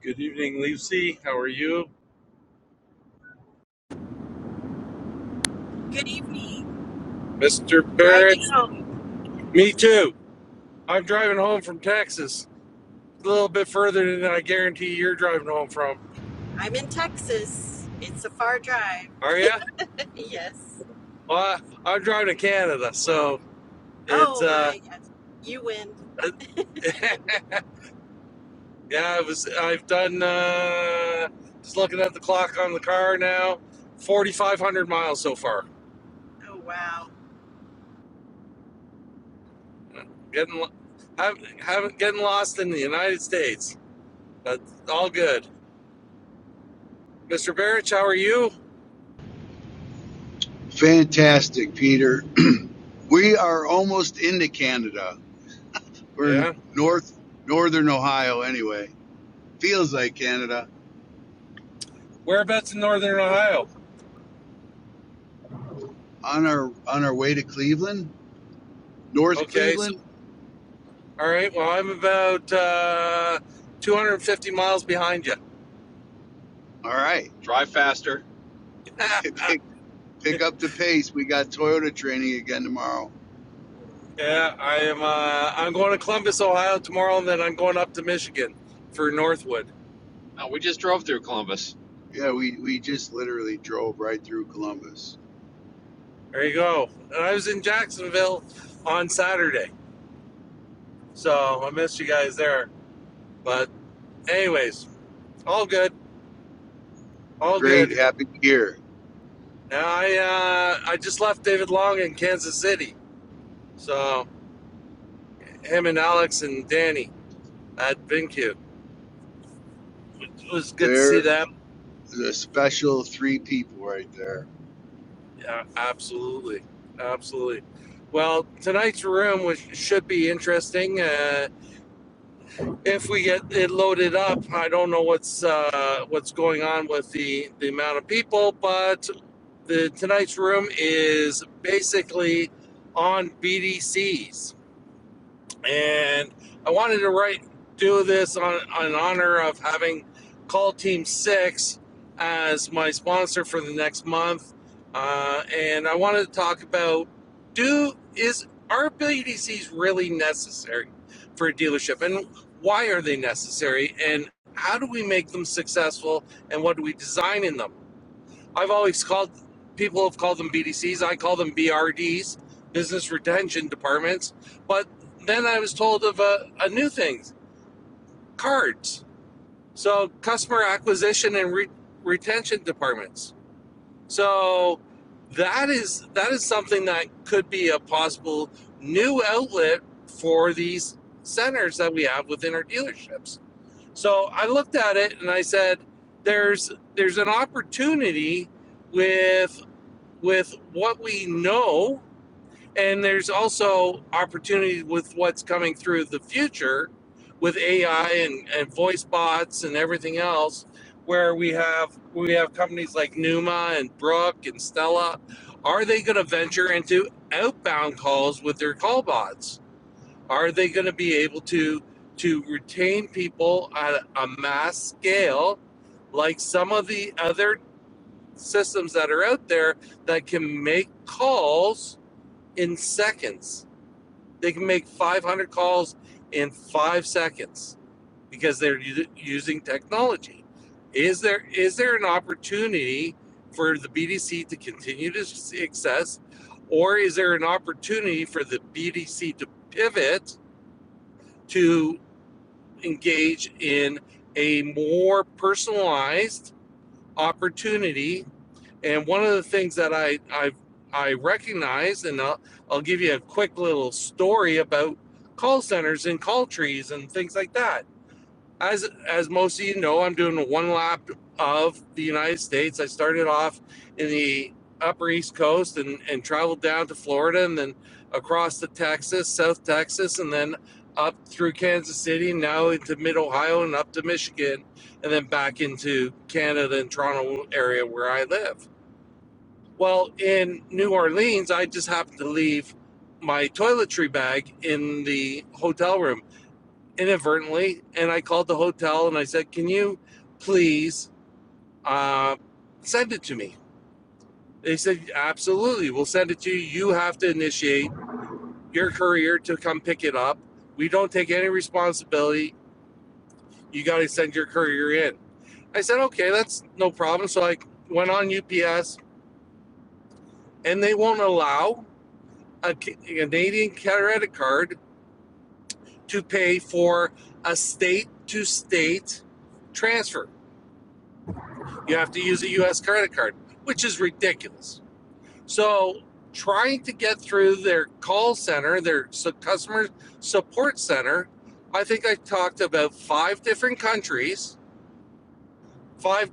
Good evening, Lucy. How are you? Good evening. Mr. Barrett? Driving home. Me too. I'm driving home from Texas. A little bit further than I guarantee you're driving home from. I'm in Texas. It's a far drive. Are you? Yes. Well, I, I'm driving to Canada, so it's Oh uh, my. Yes. You win. yeah. It was. I've done. Uh, just looking at the clock on the car now. Forty-five hundred miles so far. Oh wow. Getting haven't haven't getting lost in the United States, but all good. Mr. Barrett, how are you? Fantastic, Peter. we are almost into Canada. We're Yeah. in north northern Ohio anyway. Feels like Canada. Whereabouts in northern Ohio? On our on our way to Cleveland, North Okay. So, Cleveland. all right. Well, I'm about uh, 250 miles behind you. All right, Drive faster. pick pick yeah, up the pace. We got Toyota training again tomorrow. I am. Uh, I'm going to Columbus, Ohio tomorrow, and then I'm going up to Michigan for Northwood. No, we just drove through Columbus. Yeah, we we just literally drove right through Columbus. There you go. And I was in Jacksonville on Saturday, so I missed you guys there. But anyways, all good. All good. Great, happy year. Now I uh, I just left David Long in Kansas City, so him and Alex and Danny at BenQ. it was good to see are them. the special three people right there. Yeah, absolutely, absolutely. Well, tonight's room was, should be interesting. Uh, if we get it loaded up, I don't know what's uh, what's going on with the the amount of people, but the tonight's room is basically on BDCs. and I wanted to write do this on in honor of having Call Team Six as my sponsor for the next month, uh, and I wanted to talk about do is are BDCs really necessary for a dealership, and why are they necessary, and how do we make them successful, and what do we design in them? I've always called people have called them BDCs. I call them BRDs, business retention departments. But then I was told of a, a new thing, cards. So customer acquisition and re- retention departments. So that is that is something that could be a possible new outlet for these centers that we have within our dealerships. So I looked at it and I said, there's there's an opportunity with with what we know, and there's also opportunity with what's coming through the future with AI and, and voice bots and everything else, where we have we have companies like Numa and Brook and Stella. Are they going to venture into outbound calls with their call bots? Are they going to be able to to retain people at a mass scale, like some of the other systems that are out there that can make calls in seconds. They can make 500 calls in five seconds because they're u- using technology. Is there is there an opportunity for the BDC to continue to success, or is there an opportunity for the BDC to pivot to engage in a more personalized opportunity And one of the things that I I I recognize, and I'll, I'll give you a quick little story about call centers and call trees and things like that. As as most of you know, I'm doing a one lap of the United States. I started off in the Upper East Coast and and traveled down to Florida and then across to Texas, South Texas, and then up through Kansas City, now into Mid Ohio and up to Michigan, and then back into Canada and Toronto area where I live well, in New Orleans, I just happened to leave my toiletry bag in the hotel room inadvertently, and I called the hotel and I said, "Can you please uh, send it to me?" They said, "Absolutely, we'll send it to you. You have to initiate your courier to come pick it up. We don't take any responsibility. You got to send your courier in." I said, "Okay, that's no problem." So I went on UPS, and they won't allow a Canadian credit card to pay for a state to state transfer. You have to use a US credit card, which is ridiculous. So, trying to get through their call center, their customer support center, I think I talked about five different countries, five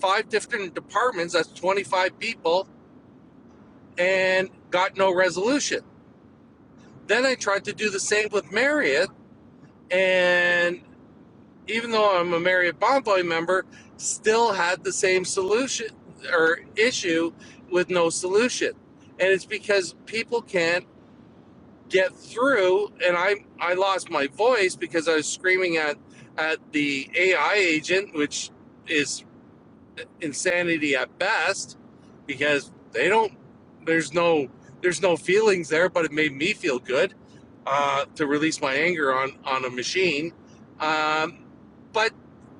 five different departments, that's 25 people and got no resolution. Then I tried to do the same with Marriott and even though I'm a Marriott Bonvoy member, still had the same solution or issue with no solution. And it's because people can't get through. And I I lost my voice because I was screaming at at the AI agent, which is insanity at best because they don't there's no there's no feelings there but it made me feel good uh, to release my anger on on a machine um, but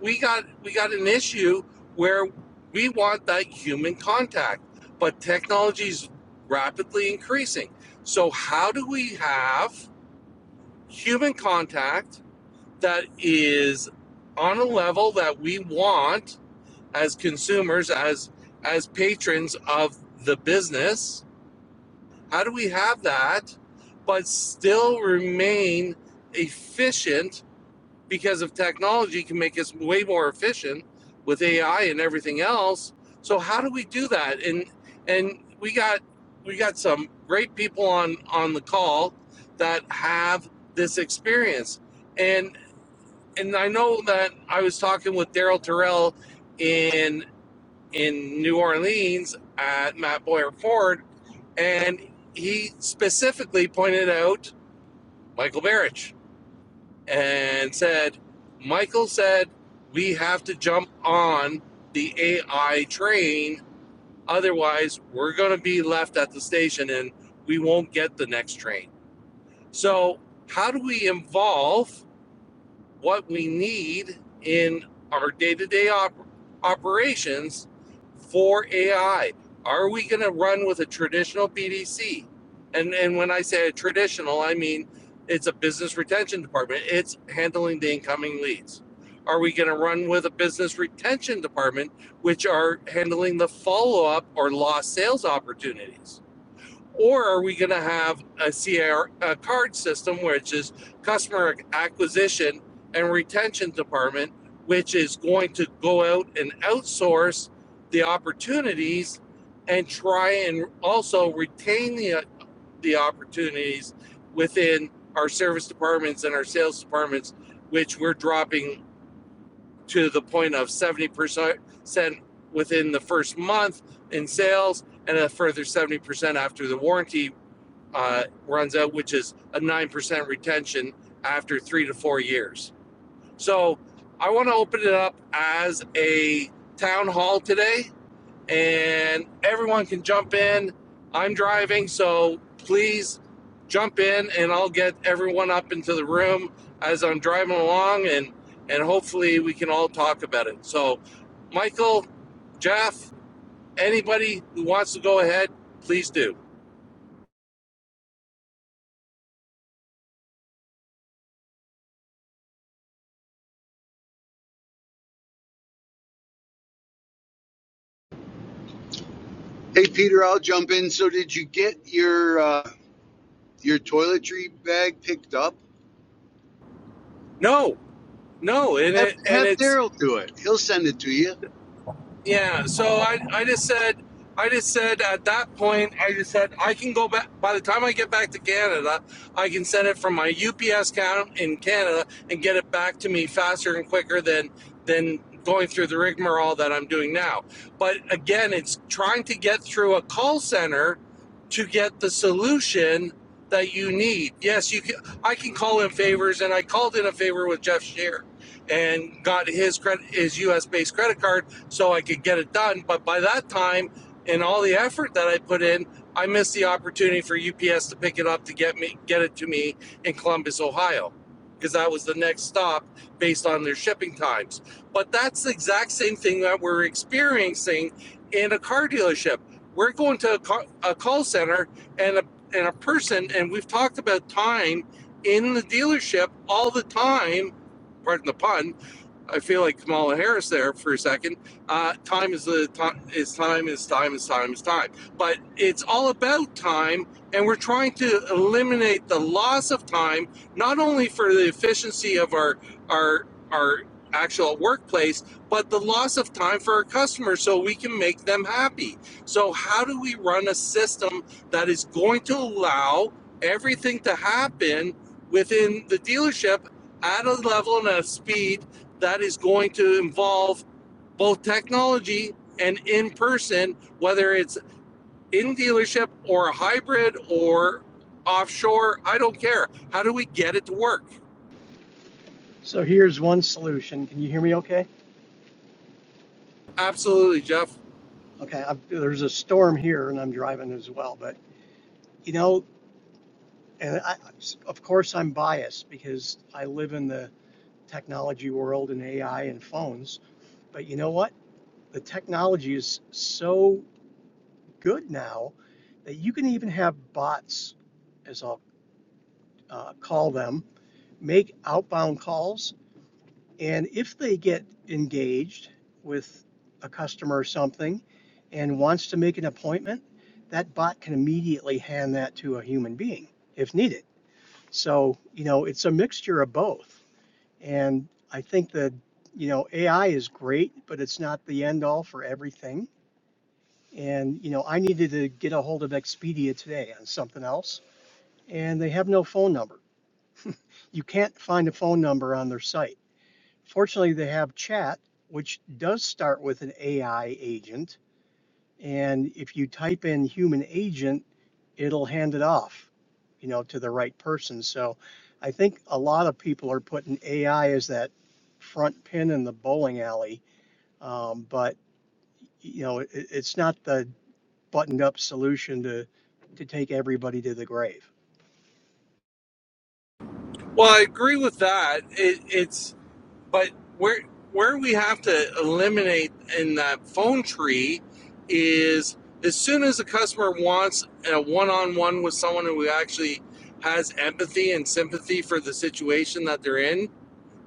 we got we got an issue where we want that human contact but technology's rapidly increasing so how do we have human contact that is on a level that we want as consumers, as as patrons of the business? How do we have that, but still remain efficient because of technology can make us way more efficient with AI and everything else. So how do we do that? And and we got we got some great people on on the call that have this experience. And and I know that I was talking with Daryl Terrell in in New Orleans at Matt Boyer Ford, and he specifically pointed out Michael Barrich and said, Michael said, we have to jump on the AI train. Otherwise, we're going to be left at the station and we won't get the next train. So, how do we involve what we need in our day-to-day op- operations for AI. Are we going to run with a traditional BDC? And and when I say a traditional, I mean it's a business retention department. It's handling the incoming leads. Are we going to run with a business retention department which are handling the follow-up or lost sales opportunities? Or are we going to have a C R, a card system, which is customer acquisition and retention department, which is going to go out and outsource the opportunities and try and also retain the, the opportunities within our service departments and our sales departments, which we're dropping to the point of 70% within the first month in sales and a further 70% after the warranty uh, runs out, which is a 9% retention after three to four years. So I want to open it up as a town hall today, and everyone can jump in. I'm driving, so please jump in, and I'll get everyone up into the room as I'm driving along, and and hopefully we can all talk about it. So, Michael, Jeff, anybody who wants to go ahead, please do. Hey Peter, I'll jump in. So did you get your uh, your toiletry bag picked up? No, no, and Have, it and have it's Daryl do it. He'll send it to you. Yeah, so I, I just said, I just said at that point, I just said I can go back. By the time I get back to Canada, I can send it from my UPS account in Canada and get it back to me faster and quicker than than going through the rigmarole that I'm doing now. But again, it's trying to get through a call center to get the solution that you need. Yes, you can. I can call in favors, and I called in a favor with Jeff Shear and got his credit, his U.S. based credit card so I could get it done. But by that time, and all the effort that I put in, I missed the opportunity for UPS to pick it up to get me get it to me in Columbus, Ohio, because that was the next stop based on their shipping times. But that's the exact same thing that we're experiencing in a car dealership. We're going to a, car, a call center and a and a person, and we've talked about time in the dealership all the time. Pardon the pun I feel like Kamala Harris there for a second. Uh, time is the time is time is time is time is time. But it's all about time, and we're trying to eliminate the loss of time, not only for the efficiency of our our our actual workplace, but the loss of time for our customers, so we can make them happy. So how do we run a system that is going to allow everything to happen within the dealership at a level and a speed? that is going to involve both technology and in person, whether it's in dealership or a hybrid or offshore. I don't care. How do we get it to work? So here's one solution. Can you hear me okay? Absolutely, Jeff. Okay, I've, there's a storm here and I'm driving as well, but you know, and I, of course I'm biased because I live in the technology world and AI and phones, but you know what? The technology is so good now that you can even have bots, as I'll uh, call them, make outbound calls And if they get engaged with a customer or something and wants to make an appointment, that bot can immediately hand that to a human being if needed. So, you know, it's a mixture of both. And I think that, you know, AI is great, but it's not the end all for everything. And, you know, I needed to get a hold of Expedia today on something else, and they have no phone number. You can't find a phone number on their site Fortunately, they have chat, which does start with an AI agent. And if you type in human agent, it'll hand it off, you know, to the right person. So I think a lot of people are putting AI as that front pin in the bowling alley. Um, but, you know, it, it's not the buttoned up solution to, to take everybody to the grave. Well, I agree with that. It, it's but where where we have to eliminate in that phone tree is as soon as a customer wants a one-on-one with someone who actually has empathy and sympathy for the situation that they're in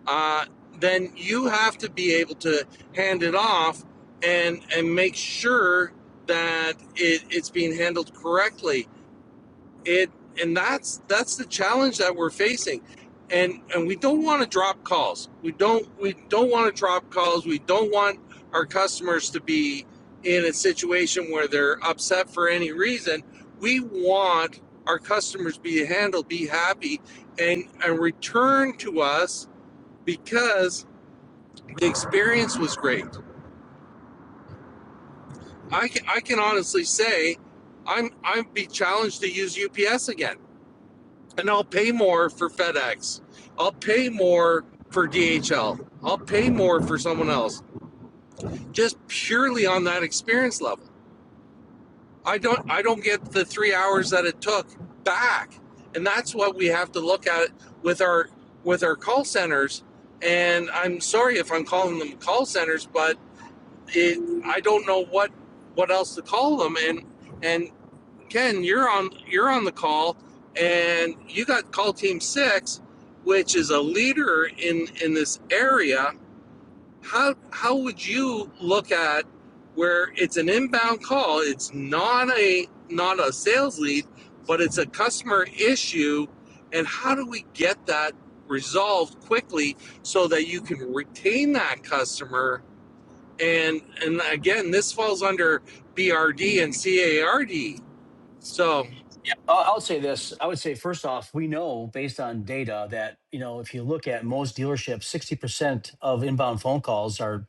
uh, then you have to be able to hand it off and and make sure that it, it's being handled correctly. It and that's that's the challenge that we're facing. And and we don't want to drop calls. We don't we don't want to drop calls. We don't want our customers to be in a situation where they're upset for any reason. We want our customers be handled, be happy, and and return to us because the experience was great. I can, I can honestly say I'm i would be challenged to use UPS again. And I'll pay more for FedEx. I'll pay more for DHL. I'll pay more for someone else. Just purely on that experience level. I don't I don't get the 3 hours that it took back. And that's what we have to look at with our with our call centers. And I'm sorry if I'm calling them call centers, but it, I don't know what what else to call them. And and Ken, you're on you're on the call, and you got call team six, which is a leader in in this area. How how would you look at where it's an inbound call? It's not a not a sales lead, but it's a customer issue. And how do we get that resolved quickly so that you can retain that customer and and again this falls under brd and card so Yeah, I I would say this. I would say first off, we know based on data that you know if you look at most dealerships, sixty percent of inbound phone calls are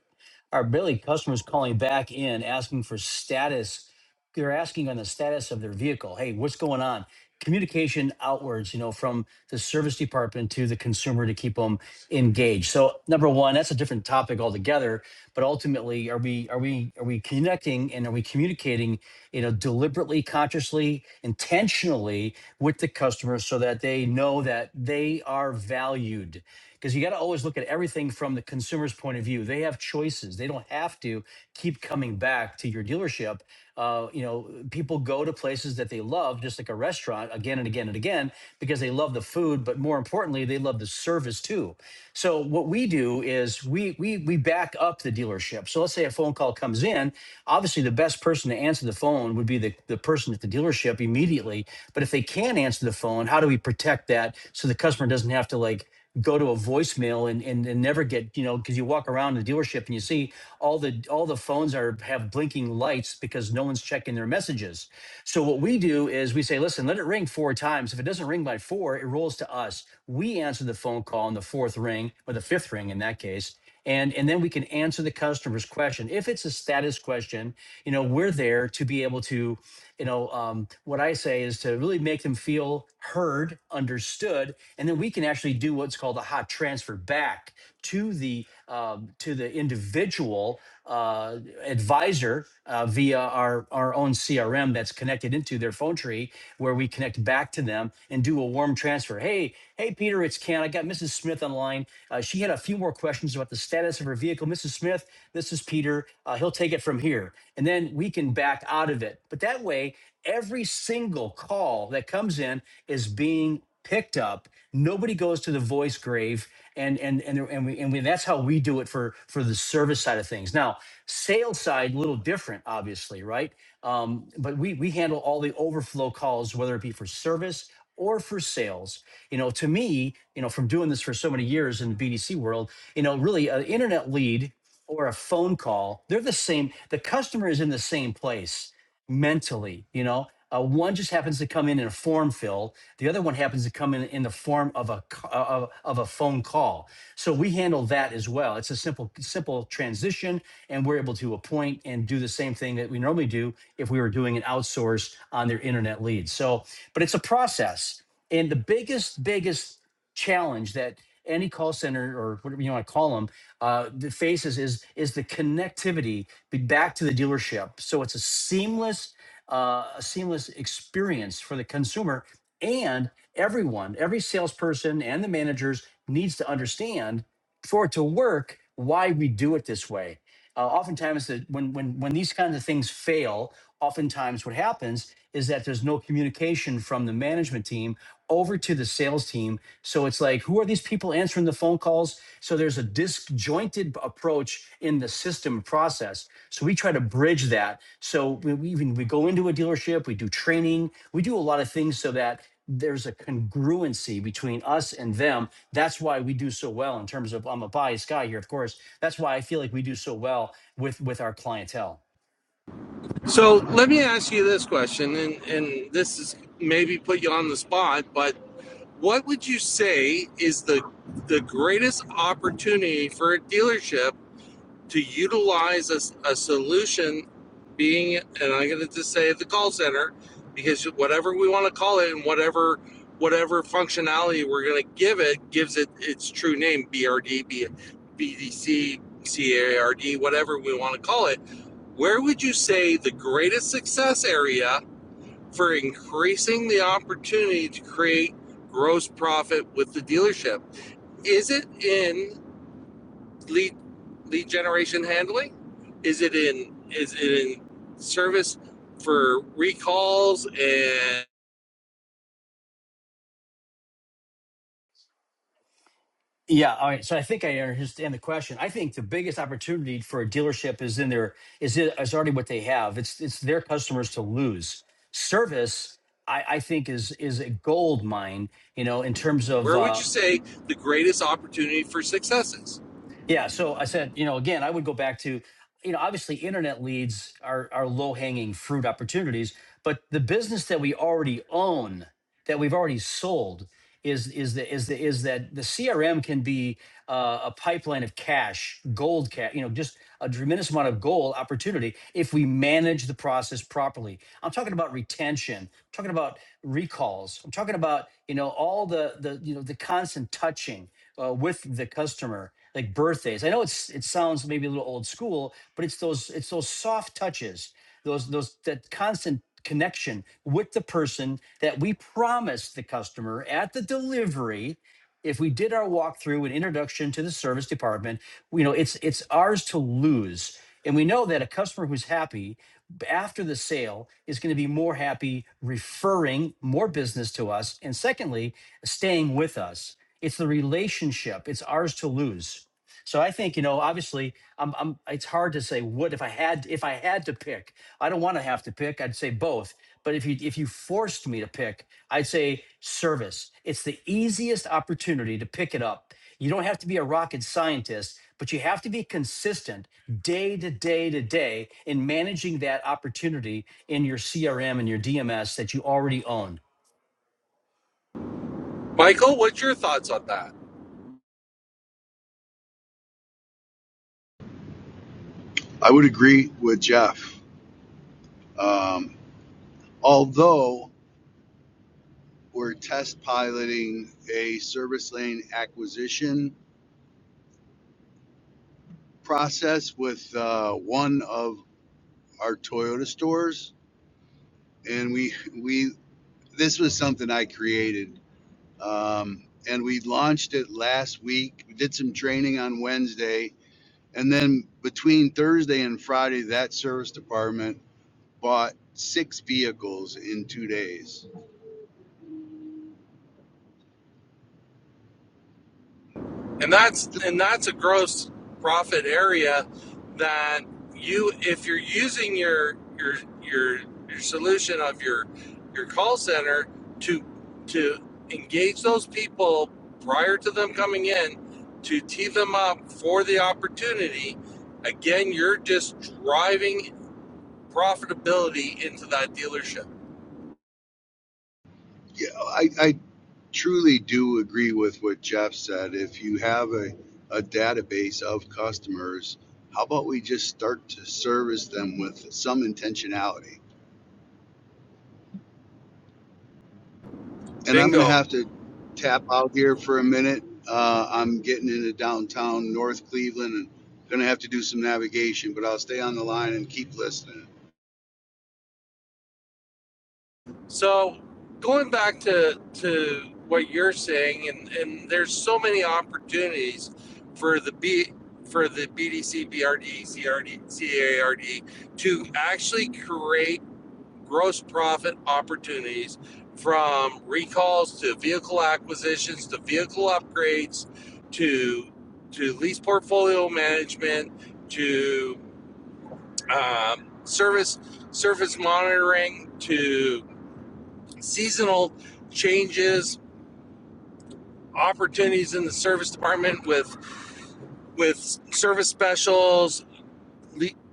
are really customers calling back in asking for status. They're asking on the status of their vehicle. Hey, what's going on? Communication outwards, you know, from the service department to the consumer to keep them engaged. So number one, that's a different topic altogether. But ultimately, are we are we are we connecting and are we communicating? you know deliberately consciously intentionally with the customer so that they know that they are valued. Because you got to always look at everything from the consumer's point of view. They have choices. They don't have to keep coming back to your dealership. Uh, you know, people go to places that they love, just like a restaurant, again and again and again, because they love the food, but more importantly, they love the service too. So what we do is we we we back up the dealership. So let's say a phone call comes in. Obviously, the best person to answer the phone would be the, the person at the dealership immediately immediately. But if they can answer the phone, how do we protect that so the customer doesn't have to like go to a voicemail and and, and never get you know because you walk around the dealership and you see all the all the phones are have blinking lights because no one's checking their messages. So what we do is we say, listen, let it ring four times. If it doesn't ring by four, it rolls to us. We answer the phone call on the fourth ring or the fifth ring in that case and and then we can answer the customer's question if it's a status question you know we're there to be able to you know um, what i say is to really make them feel heard understood and then we can actually do what's called a hot transfer back to the um, to the individual uh, advisor uh, via our our own crm that's connected connected into their phone tree where we connect back to them and do a warm transfer. Hey, hey, Peter, it's Ken. I got Mrs. Smith on line. Uh, she had a few more questions about the status of her vehicle. Mrs. Smith, this is Peter. Uh, he'll take it from here. And then we can back out of it. But that way, every single call that comes in is being picked up. Nobody goes to the voice grave. And and and there- and we and we, that's how we do it for for the service side of things. Now, sales side, a little different, obviously, right? Um, but we we handle all the overflow calls, whether it be for service or for sales. You know, to me, you know, from doing this for so many years in the BDC world, you know, really an internet lead or a phone call, they're the same. The customer is in the same place mentally you know uh, one just happens to come in in a form fill the other one happens to come in in the form of a c- uh, of, of a phone call so we handle that as well it's a simple simple transition and we're able to appoint and do the same thing that we normally do if we were doing an outsource on their internet lead so but it's a process and the biggest biggest challenge that any call center or whatever you want to call them uh, that faces is is the connectivity be back to the dealership. So it's a seamless, uh, a seamless experience for the consumer. And everyone, every salesperson and the managers needs to understand for it to work why we do it this way. Uh, oftentimes, the, when when when these kinds of things fail, oftentimes what happens is that there's no communication from the management team over to the sales team. So it's like, who are these people answering the phone calls? So there's a disjointed approach in the system process. So we try to bridge that. So we, we even we go into a dealership, we do training, we do a lot of things so that there's a congruency between us and them. That's why we do so well in terms of I'm a biased guy here, of course. That's why I feel like we do so well with with our clientele. so let me ask you this question and and this is maybe put you on the spot but what would you say is the the greatest opportunity for a dealership to utilize a a solution being, and I'm going to just say the call center, because whatever we want to call it and whatever whatever functionality we're going to give it gives it its true name BRD, B, BDC, CARD, whatever we want to call it. Where would you say the greatest success area for increasing the opportunity to create gross profit with the dealership? Is it in lead lead generation handling? Is it in is it in service for recalls and Yeah. All right. So I think I understand the question. I think the biggest opportunity for a dealership is in their is it is already what they have. It's it's their customers to lose. Service, I, I think, is is a gold mine. You know, in terms of where would uh, you say the greatest opportunity for success is? yeah. So I said, you know, again, I would go back to, you know, obviously internet leads are are low hanging fruit opportunities, but the business that we already own, that we've already sold. is is the is the is that the CRM can be uh, a pipeline of cash, gold cash, you know, just a tremendous amount of gold opportunity if we manage the process properly. I'm talking about retention. I'm talking about recalls. I'm talking about you know all the the you know the constant touching uh, with the customer, like birthdays. I know it's it sounds maybe a little old school, but it's those it's those soft touches those those that constant connection with the person that we promised the customer at the delivery if we did our walkthrough and introduction to the service department you know it's it's ours to lose and we know that a customer who's happy after the sale is going to be more happy referring more business to us and secondly staying with us it's the relationship it's ours to lose so I think, you know, obviously I'm, I'm it's hard to say what if I had if I had to pick. I don't want to have to pick. I'd say both. But if you if you forced me to pick, I'd say service. It's the easiest opportunity to pick it up. You don't have to be a rocket scientist, but you have to be consistent day to day to day in managing that opportunity in your CRM and your DMS that you already own. Michael, what's your thoughts on that? I would agree with Jeff. Um, although we're test piloting a service lane acquisition process with uh, one of our Toyota stores, and we we this was something I created, um, and we launched it last week. We did some training on Wednesday And then between Thursday and Friday, that service department bought six vehicles in two days. and that's and that's a gross profit area that you if you're using your your your your solution of your your call center to to engage those people prior to them coming in to tee them up for the opportunity again you're just driving profitability into that dealership Yeah, I, I truly do agree with what Jeff said. If you have a, a database of customers, how about we just start to service them with some intentionality? And I'm going to bingo have to tap out here for a minute. Uh, I'm getting into downtown North Cleveland and going to have to do some navigation, but I'll stay on the line and keep listening. So going back to to what you're saying, and, and there's so many opportunities for the B for the BDC, BRD, CRD, CARD to actually create gross profit opportunities from recalls to vehicle acquisitions to vehicle upgrades to to lease portfolio management to um, service service monitoring to seasonal changes, opportunities in the service department with with service specials.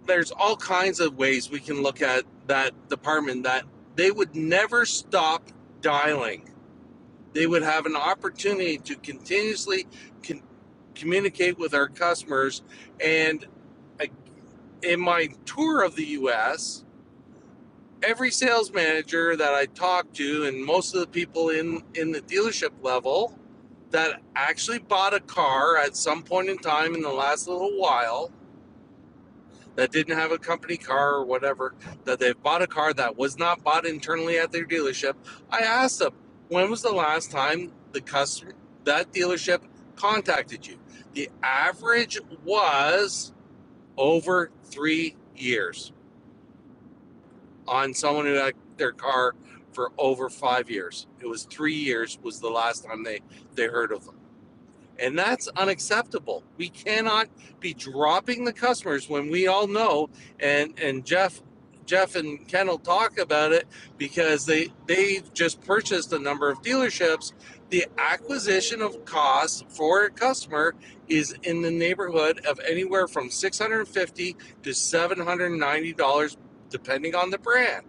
There's all kinds of ways we can look at that department that they would never stop dialing. They would have an opportunity to continuously con- communicate with our customers. And I, in my tour of the U.S. every sales manager that I talked to, and most of the people in in the dealership level that actually bought a car at some point in time in the last little while that didn't have a company car or whatever that they've bought a car that was not bought internally at their dealership i asked them when was the last time the customer that dealership contacted you the average was over three years on someone who had their car for over five years. It was three years was the last time they they heard of them, and that's unacceptable. We cannot be dropping the customers when we all know, and and Jeff. Jeff and Ken will talk about it because they they've just purchased a number of dealerships. The acquisition of costs for a customer is in the neighborhood of anywhere from 650 to 790 dollars depending on the brand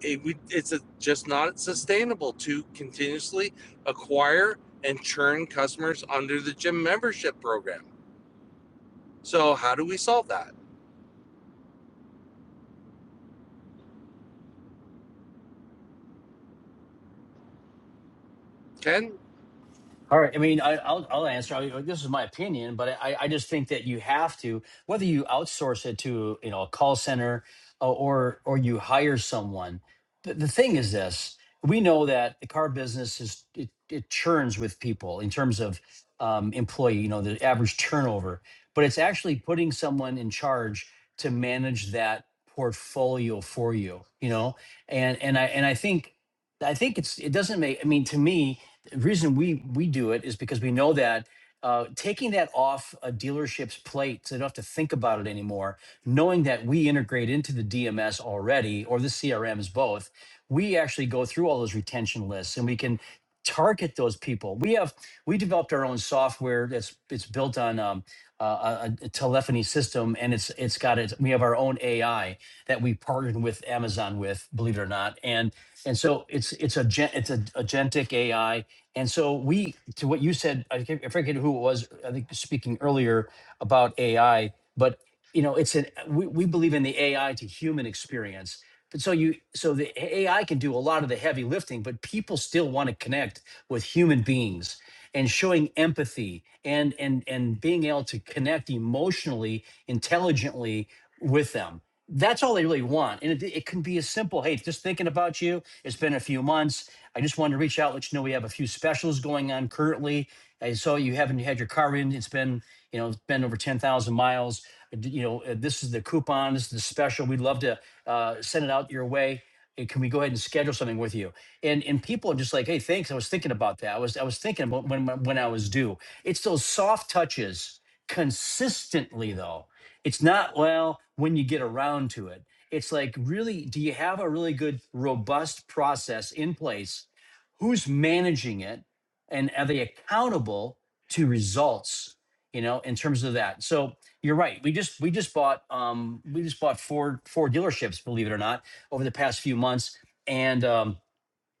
it, we, it's a, just not sustainable to continuously acquire and churn customers under the gym membership program. So how do we solve that? Ken? All right. I mean, I, I'll, I'll answer. I, this is my opinion, but I, I just think that you have to, whether you outsource it to, you know, a call center uh, or or you hire someone. The, the thing is this: we know that the car business is it, it churns with people in terms of um, employee. You know, the average turnover, but it's actually putting someone in charge to manage that portfolio for you. You know, and and I and I think I think it's it doesn't make. I mean, to me the reason we we do it is because we know that uh, taking that off a dealership's plate so they don't have to think about it anymore knowing that we integrate into the dms already or the crms both we actually go through all those retention lists and we can target those people we have we developed our own software that's it's built on um, uh, a, a telephony system and it's it's got it we have our own ai that we partnered with amazon with believe it or not and and so it's it's a gen- it's a agentic ai and so we, to what you said, I can't- I forget who it was. I think speaking earlier about AI, but you know, it's an we, we believe in the AI to human experience. But so you, so the AI can do a lot of the heavy lifting, but people still want to connect with human beings and showing empathy and and and being able to connect emotionally, intelligently with them. That's all they really want, and it, it can be as simple. Hey, just thinking about you. It's been a few months I just wanted to reach out, let you know we have a few specials going on currently. I saw you haven't had your car in. It's been, you know, it's been over 10,000 miles. Uh, You know, uh, this is the coupon, this is the special. We'd love to uh, send it out your way. Uh, Can we go ahead and schedule something with you? And and people are just like, hey, thanks. I was thinking about that. I was I was thinking about when my- when I was due. It's those soft touches consistently though. It's not well when you get around to it it's like, really, do you have a really good, robust process in place? Who's managing it? And are they accountable to results? You know, in terms of that. So you're right. We just we just bought um we just bought four four dealerships, believe it or not, over the past few months. And um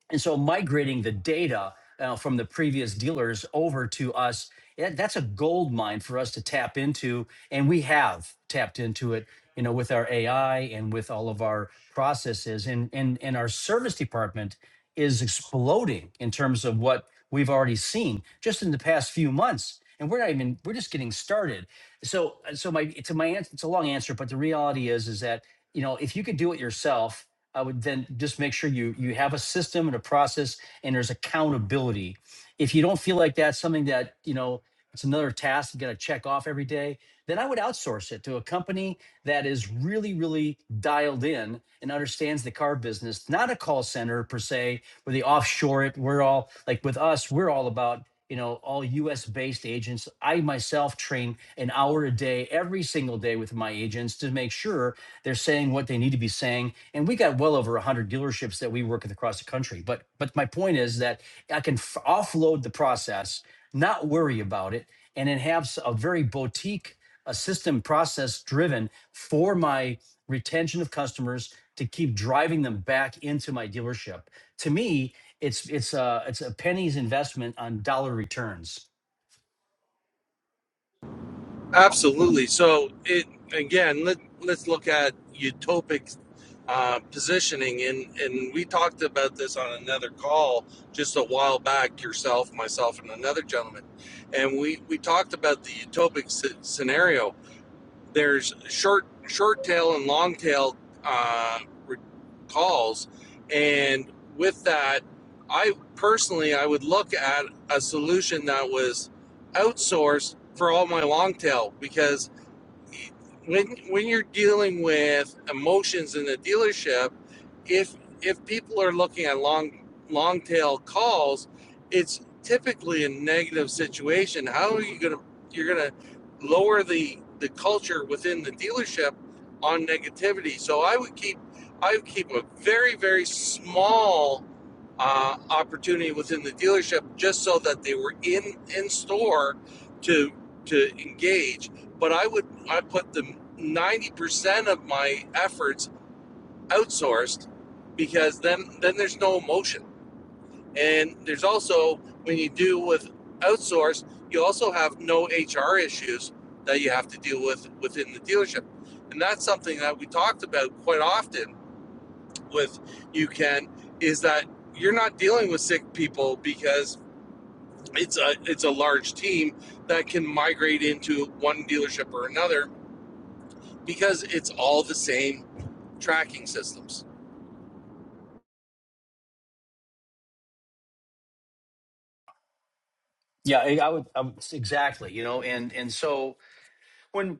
and so migrating the data uh, from the previous dealers over to us, that- that's a gold mine for us to tap into. And we have tapped into it, you know, with our AI and with all of our processes. And, and, and our service department is exploding in terms of what we've already seen just in the past few months. And we're not even, we're just getting started. So, so my, to my answer, it's a long answer, but the reality is, is that, you know, if you could do it yourself, I would then just make sure you you have a system and a process and there's accountability. If you don't feel like that's something that, you know, it's another task you got to check off every day, then I would outsource it to a company that is really, really dialed in and understands the car business, not a call center per se, where they offshore it. We're all like with us, we're all about, you know, all US based agents. I myself train an hour a day every single day with my agents to make sure they're saying what they need to be saying, and we got well over one hundred dealerships that we work with across the country. But but my point is that I can f- offload the process, not worry about it, and then have a very boutique, a system process driven for my retention of customers to keep driving them back into my dealership. To me, it's it's a it's a penny's investment on dollar returns. Absolutely. So it again, let let's look at utopic uh, positioning, and and we talked about this on another call just a while back. Yourself, myself, and another gentleman, and we we talked about the utopic sce- scenario there's short short tail and long tail uh, calls, and with that, I personally I would look at a solution that was outsourced for all my long tail because when when you're dealing with emotions in the dealership, if if people are looking at long long tail calls, it's typically a negative situation. How are you gonna you're gonna lower the the culture within the dealership on negativity? So I would keep I would keep a very very small uh, opportunity within the dealership just so that they were in in store to to engage but I would I put the ninety percent of my efforts outsourced because then then there's no emotion. And there's also when you do with outsourced, you also have no HR issues that you have to deal with within the dealership. And that's something that we talked about quite often with you Ken is that you're not dealing with sick people because it's a it's a large team that can migrate into one dealership or another because it's all the same tracking systems. Yeah, I, I would um, exactly. You know, and and so when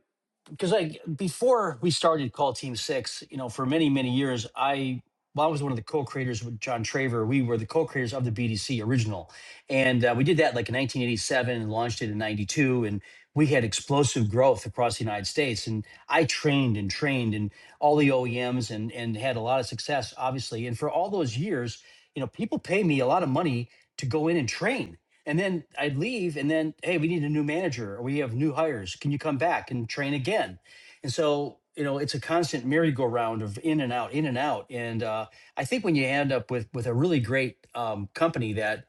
because I before we started Call Team Six, you know, for many many years, I well, I was one of the co-creators with John Traver. We were the co-creators of the BDC original, and uh, we did that like in 1987 and launched it in '92, and we had explosive growth across the United States. And I trained and trained and all the OEMs and and had a lot of success, obviously. And for all those years, you know, people pay me a lot of money to go in and train. And then I'd leave, and then, hey, we need a new manager, or we have new hires. Can you come back and train again? And so, you know, it's a constant merry-go-round of in and out, in and out. And uh, I think when you end up with with a really great um, company that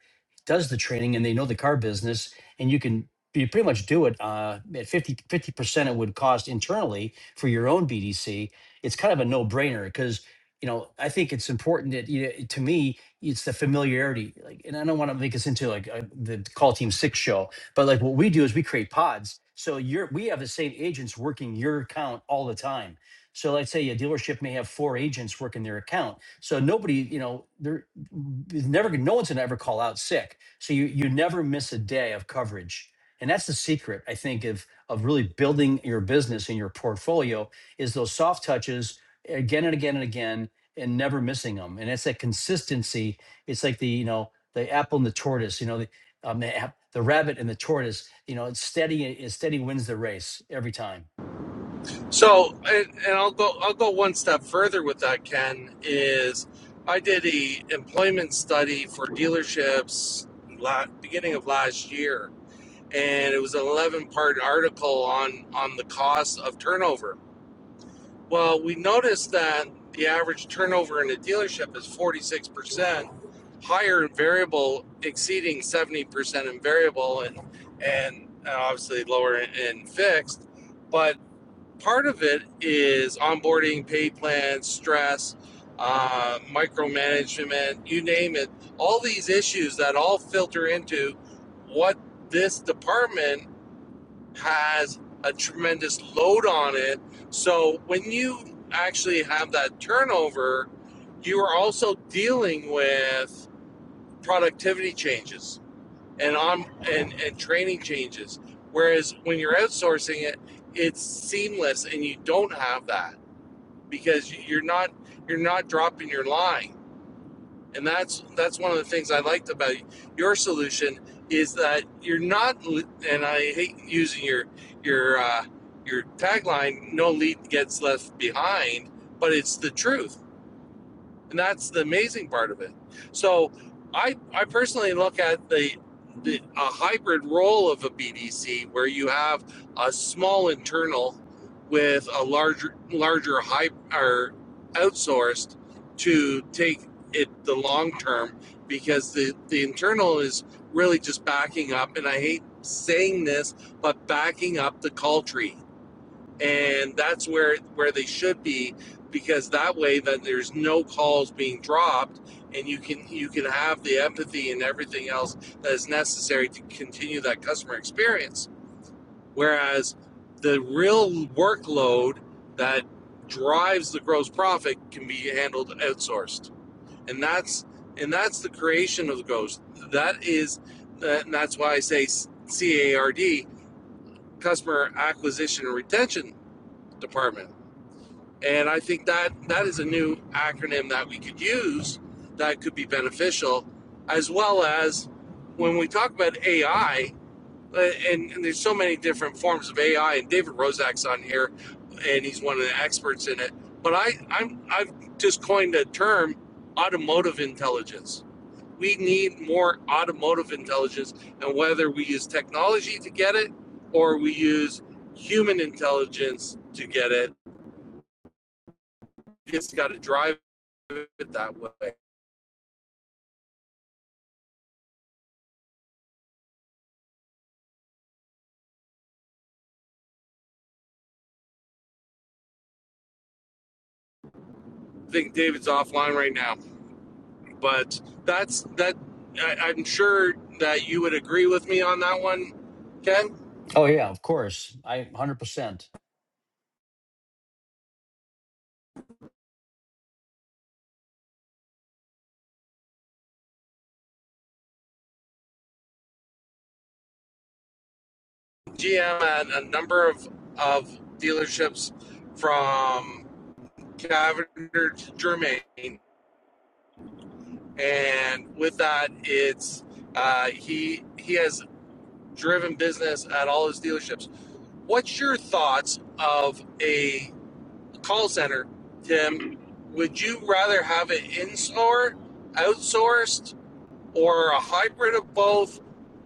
does the training and they know the car business, and you can you pretty much do it uh, at 50 percent it would cost internally for your own BDC. It's kind of a no-brainer because you know I think it's important that you know, to me it's the familiarity like and i don't want to make us into like a, the call team six show but like what we do is we create pods so you're we have the same agents working your account all the time so let's say a dealership may have four agents working their account so nobody you know they're is never gonna- no one's gonna ever call out sick so you you never miss a day of coverage and that's the secret i think of of really building your business and your portfolio is those soft touches again and again and again and never missing them. And it's that consistency. It's like the you know the apple and the tortoise. You know the um, the, app, the rabbit and the tortoise. You know it's steady. It's steady wins the race every time. So, and, and I'll go I'll go one step further with that. Ken is I did a employment study for dealerships la- beginning of last year, and it was an eleven part article on on the cost of turnover. Well, we noticed that the average turnover in a dealership is forty six percent higher in variable, exceeding seventy percent in variable, and and uh, obviously lower in, in fixed, but part of it is onboarding, pay plans, stress, uh, micromanagement, you name it. All these issues that all filter into what this department has a tremendous load on it. So when you actually have that turnover, you are also dealing with productivity changes and on and, and training changes. Whereas when you're outsourcing it, it's seamless and you don't have that because you- are not you're not dropping your line. And that's that's one of the things I liked about your solution is that you're not and I hate using your your uh, your tagline no lead gets left behind, but it's the truth and that's the amazing part of it. So, I I personally look at the, the a hybrid role of a BDC where you have a small internal with a larger larger high or outsourced to take it the long term because the the internal is really just backing up and I hate saying this but backing up the call tree and that's where where they should be because that way then there's no calls being dropped and you can you can have the empathy and everything else that is necessary to continue that customer experience whereas the real workload that drives the gross profit can be handled outsourced and that's and that's the creation of the ghost that is and that's why i say card customer acquisition and retention department and I think that that is a new acronym that we could use that could be beneficial, as well as when we talk about AI, uh, and, and there's so many different forms of AI, and David Rozak's on here, and he's one of the experts in it. But I, I'm, I've just coined a term, automotive intelligence. We need more automotive intelligence, and whether we use technology to get it or we use human intelligence to get it just got to drive it that way. I think David's offline right now, but that's that. I, I'm sure that you would agree with me on that one, Ken. Oh yeah, of course. I one hundred percent. GM at a number of of dealerships from Cavender to Germain, and with that, it's uh, he he has driven business at all his dealerships. What's your thoughts of a call center, Tim, would you rather have it in-store, outsourced, or a hybrid of both?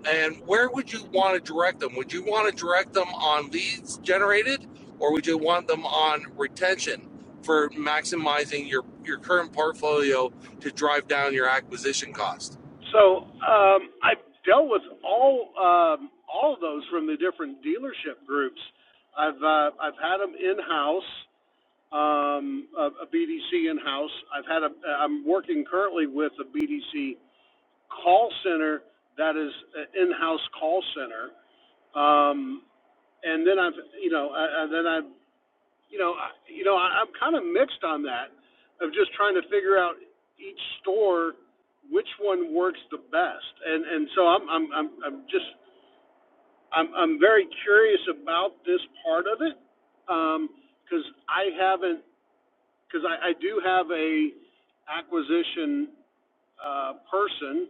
And where would you want to direct them? Would you want to direct them on leads generated, or would you want them on retention for maximizing your, your current portfolio to drive down your acquisition cost? So um, I've dealt with all um, all of those from the different dealership groups. I've uh, I've had them in house, um, a, BDC in house. I've had a I'm working currently with a BDC call center that is an in house call center. Um, and then I've you know I, I, then I've you know, I, you know, I, I'm kind of mixed on that of just trying to figure out each store which one works the best. And and so I'm I'm I'm, I'm just I'm I'm very curious about this part of it because um, I haven't because I, I do have a acquisition uh, person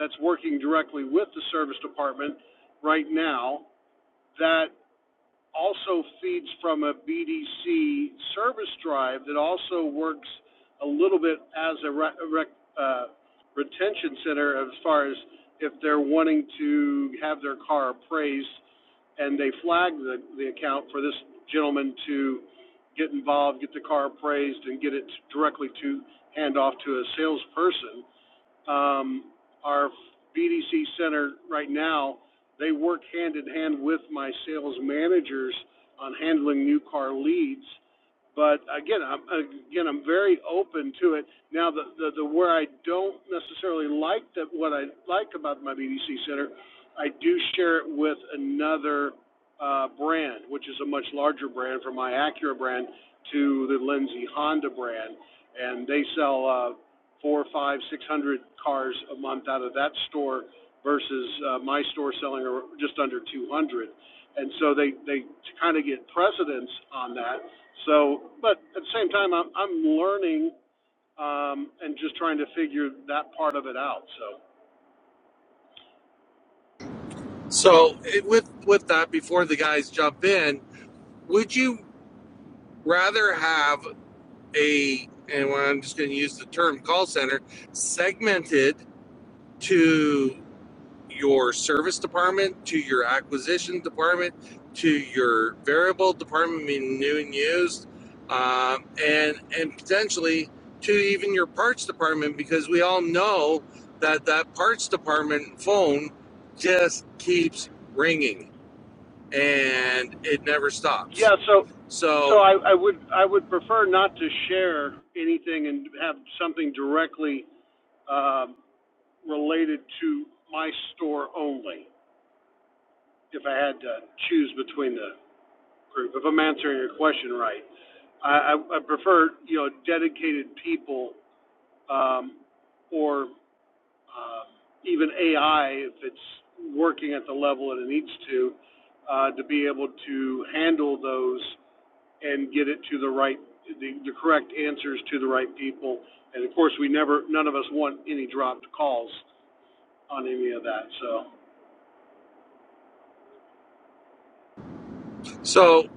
that's working directly with the service department right now that also feeds from a BDC service drive that also works a little bit as a re- rec, uh, retention center as far as if they're wanting to have their car appraised and they flag the, the account for this gentleman to get involved, get the car appraised, and get it directly to hand off to a salesperson um, our BDC center right now, they work hand in hand with my sales managers on handling new car leads. But again, I'm again I'm very open to it. Now, the the, the where I don't necessarily like that what I like about my BDC center, I do share it with another uh, brand, which is a much larger brand from my Acura brand to the Lindsay Honda brand, and they sell uh, four, five, six hundred cars a month out of that store versus uh, my store selling just under two hundred. And so they they kind of get precedence on that. So, but at the same time, I'm I'm learning um, and just trying to figure that part of it out. So So, it, with with that, before the guys jump in, would you rather have a and I'm just going to use the term call center segmented to your service department, to your acquisition department, to your variable department, meaning new and used, um, and and potentially to even your parts department because we all know that that parts department phone just keeps ringing and it never yeah, stops. so so So I, I would I would prefer not to share anything and have something directly um, related to my store only if I had to choose between the group, if I'm answering your question right. I, I, prefer, you know, dedicated people, um, or, uh, even AI, if it's working at the level that it needs to, uh, to be able to handle those and get it to the right, the, the correct answers to the right people. And of course, we never, none of us want any dropped calls on any of that, so. So,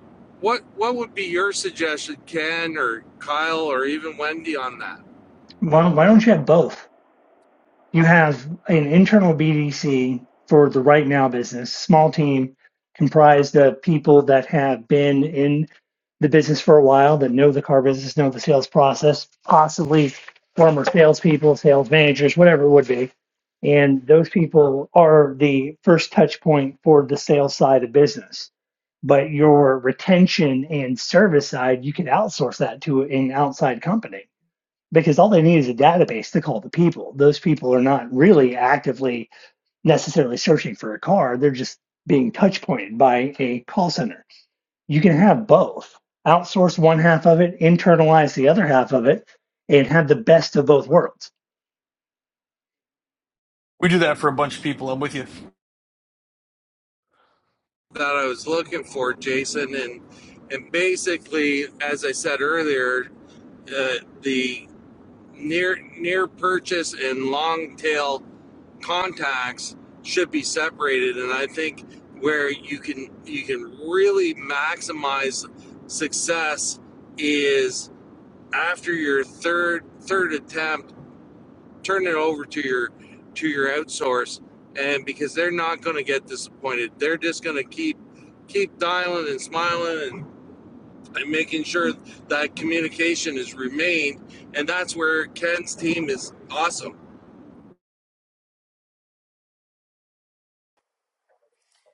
what what would be your suggestion, Ken or Kyle or even Wendy, on that Why, why don't you have both? You have an internal BDC for the right now business, small team comprised of people that have been in the business for a while, that know the car business, know the sales process, possibly former salespeople, sales managers, whatever it would be. And those people are the first touch point for the sales side of business. But your retention and service side, you can outsource that to an outside company because all they need is a database to call the people. Those people are not really actively necessarily searching for a car. They're just being touch pointed by a call center. You can have both outsource one half of it, internalize the other half of it, and have the best of both worlds. We do that for a bunch of people. I'm with you. that I was looking for, Jason? And and basically, as I said earlier, uh, the near near purchase and long tail contacts should be separated, and I think where you can you can really maximize success is after your third third attempt turn it over to your to your outsource and because they're not going to get disappointed they're just going to keep keep dialing and smiling and, and making sure that communication is remained and that's where ken's team is awesome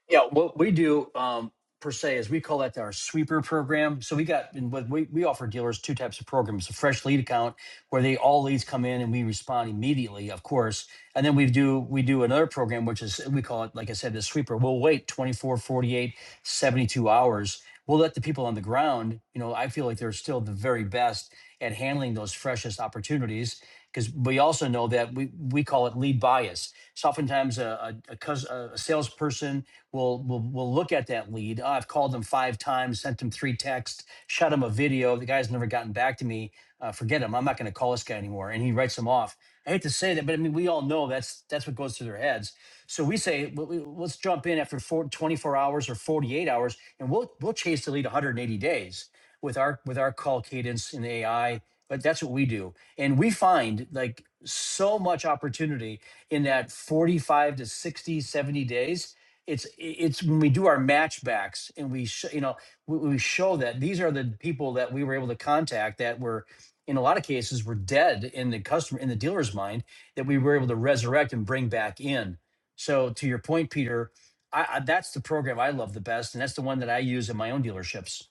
Yeah, what we do um, per se is we call that our sweeper program. So we got and what we we offer dealers two types of programs: a fresh lead account where they all leads come in and we respond immediately, of course, and then we do we do another program which is we call it like I said the sweeper. We'll wait 24, 48, 72 hours. We'll let the people on the ground, you know, I feel like they're still the very best at handling those freshest opportunities because we also know that we, we call it lead bias. So oftentimes a, a, a, cus- a a salesperson will will will look at that lead. "Oh, I've called them five times, sent them three texts, shot them a video. The guy's never gotten back to me. Uh, forget him. I'm not going to call this guy anymore." And he writes them off. I hate to say that, but I mean, we all know that's that's what goes through their heads. So we say, "Well, we- let's jump in after four, 24 hours or 48 hours, and we'll we'll chase the lead 180 days with our with our call cadence and AI. But that's what we do, and we find like so much opportunity in that 45 to 60, 70 days it's it's when we do our matchbacks and we sh- you know we, we show that these are the people that we were able to contact that were in a lot of cases were dead in the customer in the dealer's mind that we were able to resurrect and bring back in so to your point peter I, I that's the program i love the best and that's the one that i use in my own dealerships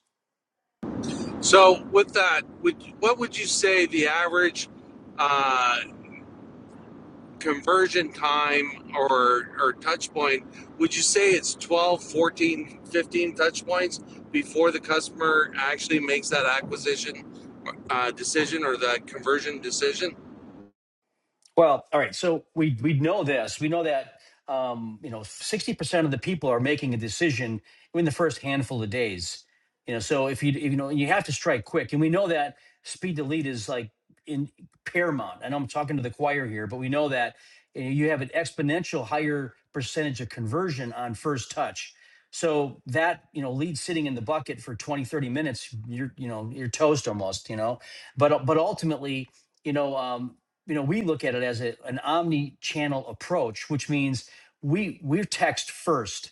so with that would what would you say the average uh, conversion time or or touch point would you say it's 12, 14, 15 touch points before the customer actually makes that acquisition uh, decision or that conversion decision Well, all right. So we we know this. We know that um, you know sixty percent of the people are making a decision in the first handful of days. You know, so if you if, you know you have to strike quick, and we know that speed to lead is like in paramount. I know I'm talking to the choir here, but we know that uh, you have an exponential higher percentage of conversion on first touch. So that, you know, lead sitting in the bucket for 20 30 minutes, you're, you know, you're toast almost, you know, but, but ultimately, you know, um, you know, we look at it as a, an omni-channel approach, which means we we're text first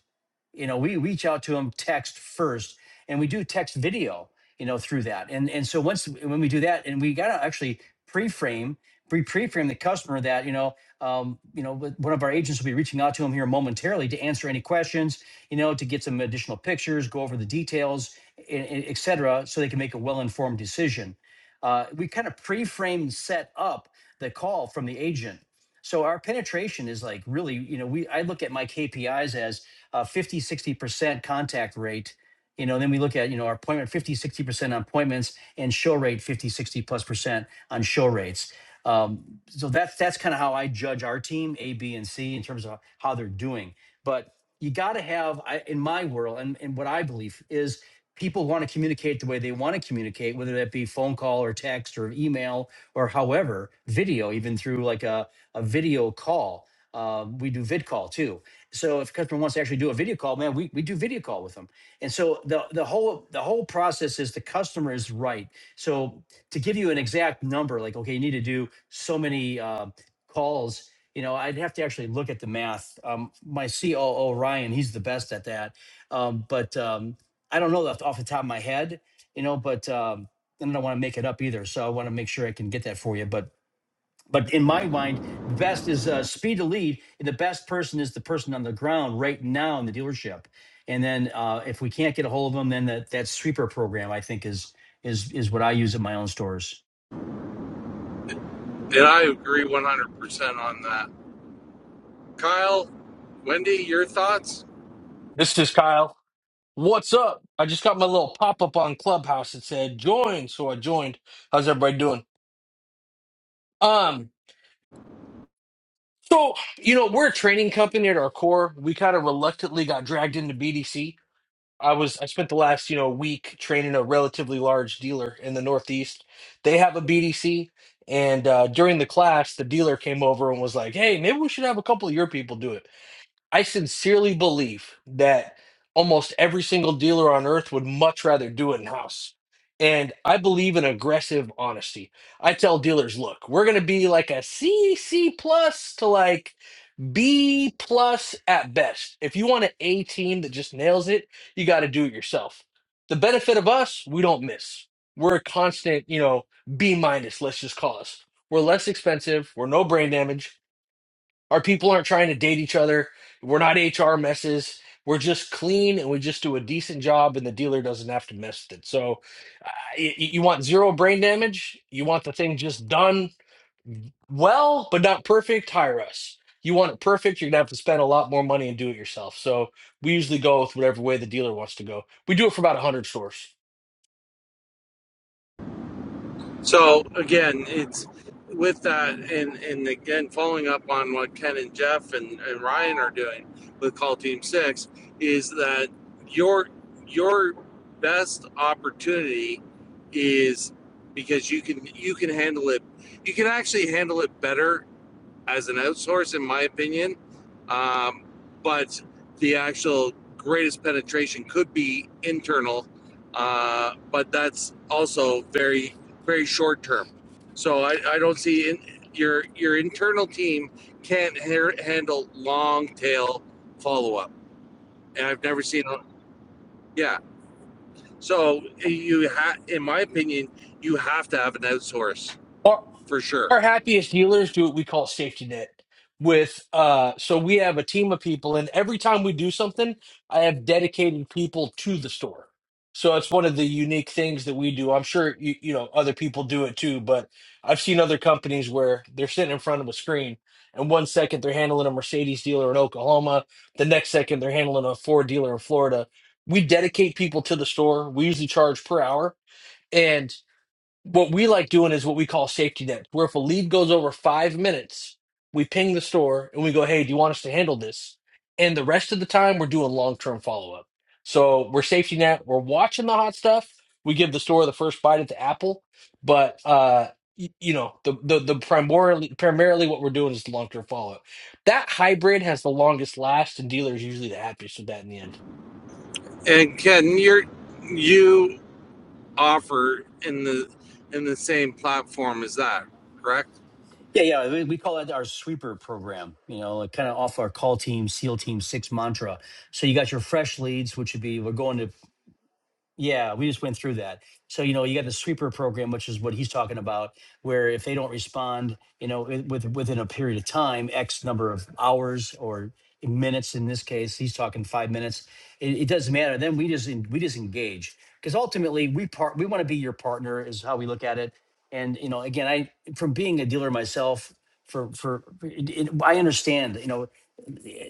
you know we reach out to them text first and we do text video you know through that and and so once when we do that and we got to actually pre-frame pre pre-frame the customer that you know um, you know with- one of our agents will be reaching out to them here momentarily to answer any questions you know to get some additional pictures go over the details and, and et cetera so they can make a well-informed decision uh, we kind of pre-frame and set up the call from the agent so our penetration is like really you know we i look at my kpis as uh, fifty sixty percent contact rate. You know, then we look at, you know, our appointment, fifty sixty percent on appointments and show rate 50 60 plus percent on show rates. Um, so that's, that's kind of how I judge our team, A, B, and C in terms of how they're doing. But you got to have, I, in my world and, and what I believe is people want to communicate the way they want to communicate, whether that be phone call or text or email or however, video, even through like a, a video call. Uh, we do vid call too so if a customer wants to actually do a video call, man, we, we do video call with them. And so the the whole the whole process is the customer is right. So to give you an exact number, like okay, you need to do so many uh, calls. You know, I'd have to actually look at the math. Um, my COO Ryan, he's the best at that. Um, but um, I don't know that off the top of my head. You know, but um, and I don't want to make it up either. So I want to make sure I can get that for you. But but in my mind, the best is uh, speed to lead, and the best person is the person on the ground right now in the dealership. And then uh, if we can't get a hold of them, then that that sweeper program I think is is is what I use at my own stores. and i agree 100% on that kyle wendy your thoughts This is Kyle. What's up? I just got my little pop up on Clubhouse that said join, so I joined. How's everybody doing? Um, so you know we're a training company at our core. We kind of reluctantly got dragged into BDC. I was I spent the last you know week training a relatively large dealer in the Northeast. They have a BDC, and uh, during the class, the dealer came over and was like, "Hey, maybe we should have a couple of your people do it." I sincerely believe that almost every single dealer on earth would much rather do it in house. And I believe in aggressive honesty. I tell dealers, look, we're going to be like a C, C plus to like B plus at best. If you want an A team that just nails it, you got to do it yourself. The benefit of us, we don't miss. We're a constant, you know, B minus, let's just call us. We're less expensive. We're no brain damage our people aren't trying to date each other. We're not HR messes. We're just clean and we just do a decent job, and the dealer doesn't have to mess with it. So, uh, y- y- you want zero brain damage. You want the thing just done well, but not perfect. Hire us. You want it perfect, you're going to have to spend a lot more money and do it yourself. So, we usually go with whatever way the dealer wants to go. We do it for about 100 stores. So again, it's with that, and and again, following up on what Ken and Jeff and, and Ryan are doing with Call Team Six is that your your best opportunity is because you can you can handle it you can actually handle it better as an outsource, in my opinion. Um, but the actual greatest penetration could be internal, uh, but that's also very, very short term. So I, I don't see in, your your internal team can't ha- handle long tail follow up, and I've never seen. a- Yeah, so you ha in my opinion, you have to have an outsource for sure. our happiest healers do what we call safety net with uh so we have a team of people and every time we do something i have dedicated people to the store so it's one of the unique things that we do i'm sure you, you know other people do it too but i've seen other companies where they're sitting in front of a screen and one second they're handling a mercedes dealer in oklahoma the next second they're handling a ford dealer in florida we dedicate people to the store we usually charge per hour and what we like doing is what we call safety net. where if a lead goes over five minutes, we ping the store and we go, hey, do you want us to handle this? And the rest of the time, we're doing long term follow up. So we're safety net, we're watching the hot stuff. We give the store the first bite at the apple, but uh, y- you know the the, the primarily primarily what we're doing is long term follow up. That hybrid has the longest last, and dealers usually the happiest with that in the end. And Ken, you're you offer in the in the same platform as that, correct? Yeah, yeah, we, we call that our sweeper program. You know, like kind of off our call team, SEAL team six mantra. So you got your fresh leads, which would be we're going to Yeah, we just went through that. So, you know, you got the sweeper program, which is what he's talking about, where if they don't respond, you know, i- with within a period of time, X number of hours or minutes in this case, he's talking five minutes. It, it doesn't matter. Then we just en- we just engage because ultimately we part we want to be your partner is how we look at it. And you know, again, I from being a dealer myself for for it, it, I understand. You know,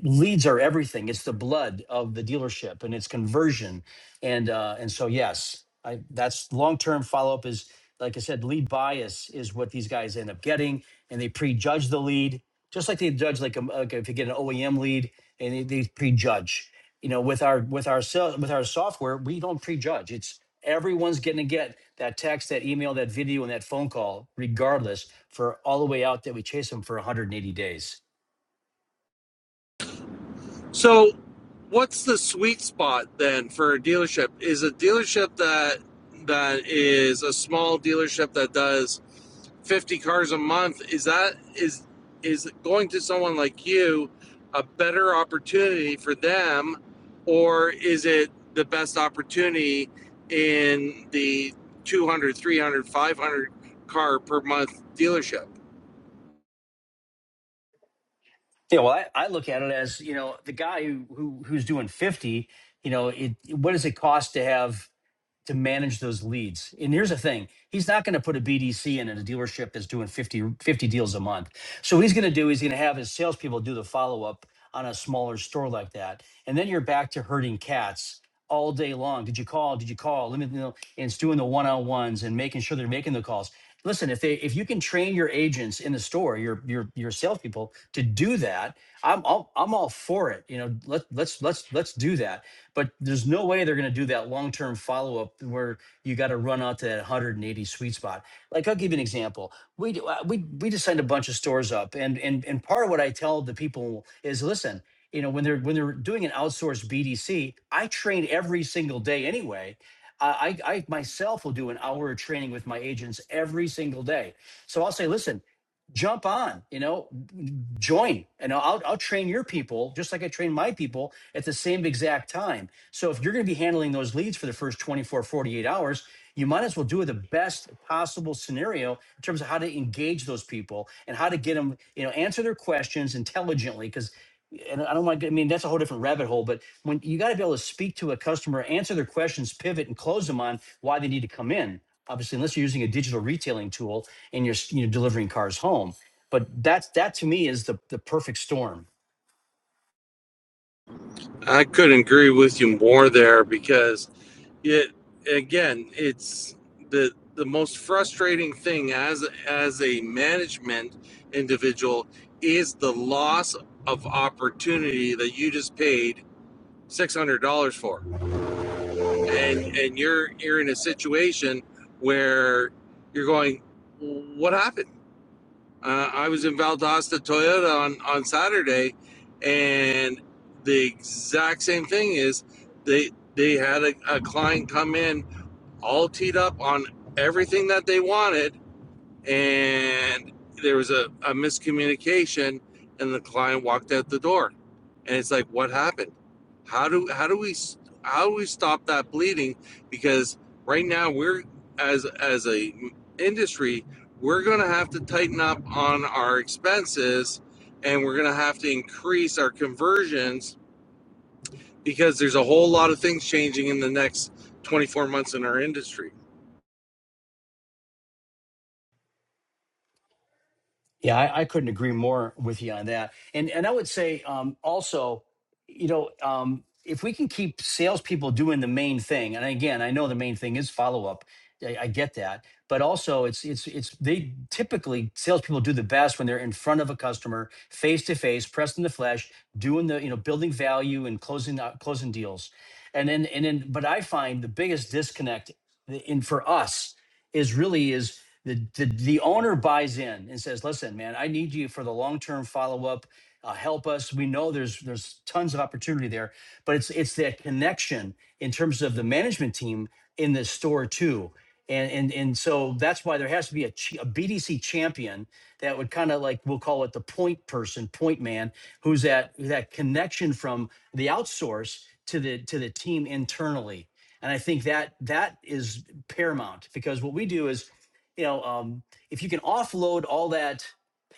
leads are everything. It's the blood of the dealership and its conversion. And uh, and so yes, I that's long term follow up is like I said, lead bias is what these guys end up getting, and they prejudge the lead just like they judge like, a, like if you get an OEM lead and they, they prejudge. You know, with our with our sel- with our software, we don't prejudge. It's everyone's going to get that text, that email, that video, and that phone call, regardless, for all the way out that we chase them for 180 days. So, what's the sweet spot then for a dealership? Is a dealership that that is a small dealership that does 50 cars a month is that is is going to someone like you a better opportunity for them or is it the best opportunity in the 200, 300, 500 car per month dealership Yeah, well, I, I look at it as you know the guy who, who who's doing fifty. You know, it, what does it cost to have to manage those leads. And here's the thing, he's not going to put a BDC in at a dealership that's doing 50 50 deals a month. So what he's going to do is he's going to have his salespeople do the follow up on a smaller store like that. And then you're back to herding cats all day long. Did you call? Did you call? Let me know. And it's doing the one on ones and making sure they're making the calls. Listen, if they if you can train your agents in the store, your your your salespeople to do that, I'm all, I'm all for it. You know, let let's let's let's do that but there's no way they're going to do that long term follow up where you got to run out to that 180 sweet spot. Like I'll give you an example. We do- uh, we we just signed a bunch of stores up, and and and part of what I tell the people is listen. You know, when they're when they're doing an outsourced BDC, I train every single day anyway. I, I I myself will do an hour of training with my agents every single day. So I'll say, listen, jump on you know join and I'll, I'll train your people just like i train my people at the same exact time so if you're going to be handling those leads for the first 24 48 hours you might as well do the best possible scenario in terms of how to engage those people and how to get them you know answer their questions intelligently because and I don't want to, I mean, that's a whole different rabbit hole, but when you got to be able to speak to a customer, answer their questions, pivot, and close them on why they need to come in. Obviously, unless you're using a digital retailing tool, and you're you know delivering cars home but that's that to me is the the perfect storm I couldn't agree with you more there because it again it's the the most frustrating thing as as a management individual is the loss of opportunity that you just paid six hundred dollars for and and you're you're in a situation where you're going what happened uh, I was in Valdosta Toyota on, on Saturday, and the exact same thing is they they had a, a client come in all teed up on everything that they wanted, and there was a, a miscommunication and the client walked out the door and it's like what happened how do how do we how do we stop that bleeding because right now we're as as a industry we're going to have to tighten up on our expenses and we're going to have to increase our conversions because there's a whole lot of things changing in the next 24 months in our industry Yeah, I, I couldn't agree more with you on that. And and I would say um, also, you know, um, if we can keep salespeople doing the main thing, and again, I know the main thing is follow up. I, I get that, but also it's it's it's they typically salespeople do the best when they're in front of a customer, face to face, pressed in the flesh, doing the you know building value and closing out closing deals, and then and then. But I find the biggest disconnect in for us is really is the, the the owner buys in and says, "Listen, man, I need you for the long term follow up. Uh, help us. We know there's there's tons of opportunity there, but it's it's that connection in terms of the management team in the store too." And, and, and so that's why there has to be a, ch- a BDC champion that would kind of like we'll call it the point person, point man, who's that that connection from the outsource to the to the team internally. And I think that that is paramount because what we do is you know um, if you can offload all that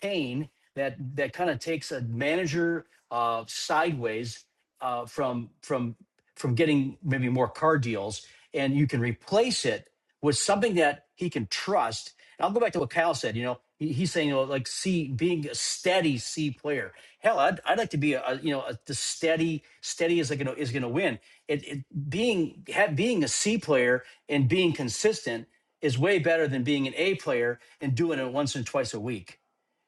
pain that that kind of takes a manager uh, sideways uh, from from from getting maybe more car deals and you can replace it with something that he can trust and i'll go back to what kyle said you know he, he's saying you know, like c being a steady c player hell i'd, I'd like to be a, a you know a, the steady steady is gonna is gonna win it, it being ha, being a c player and being consistent is way better than being an A player and doing it once and twice a week.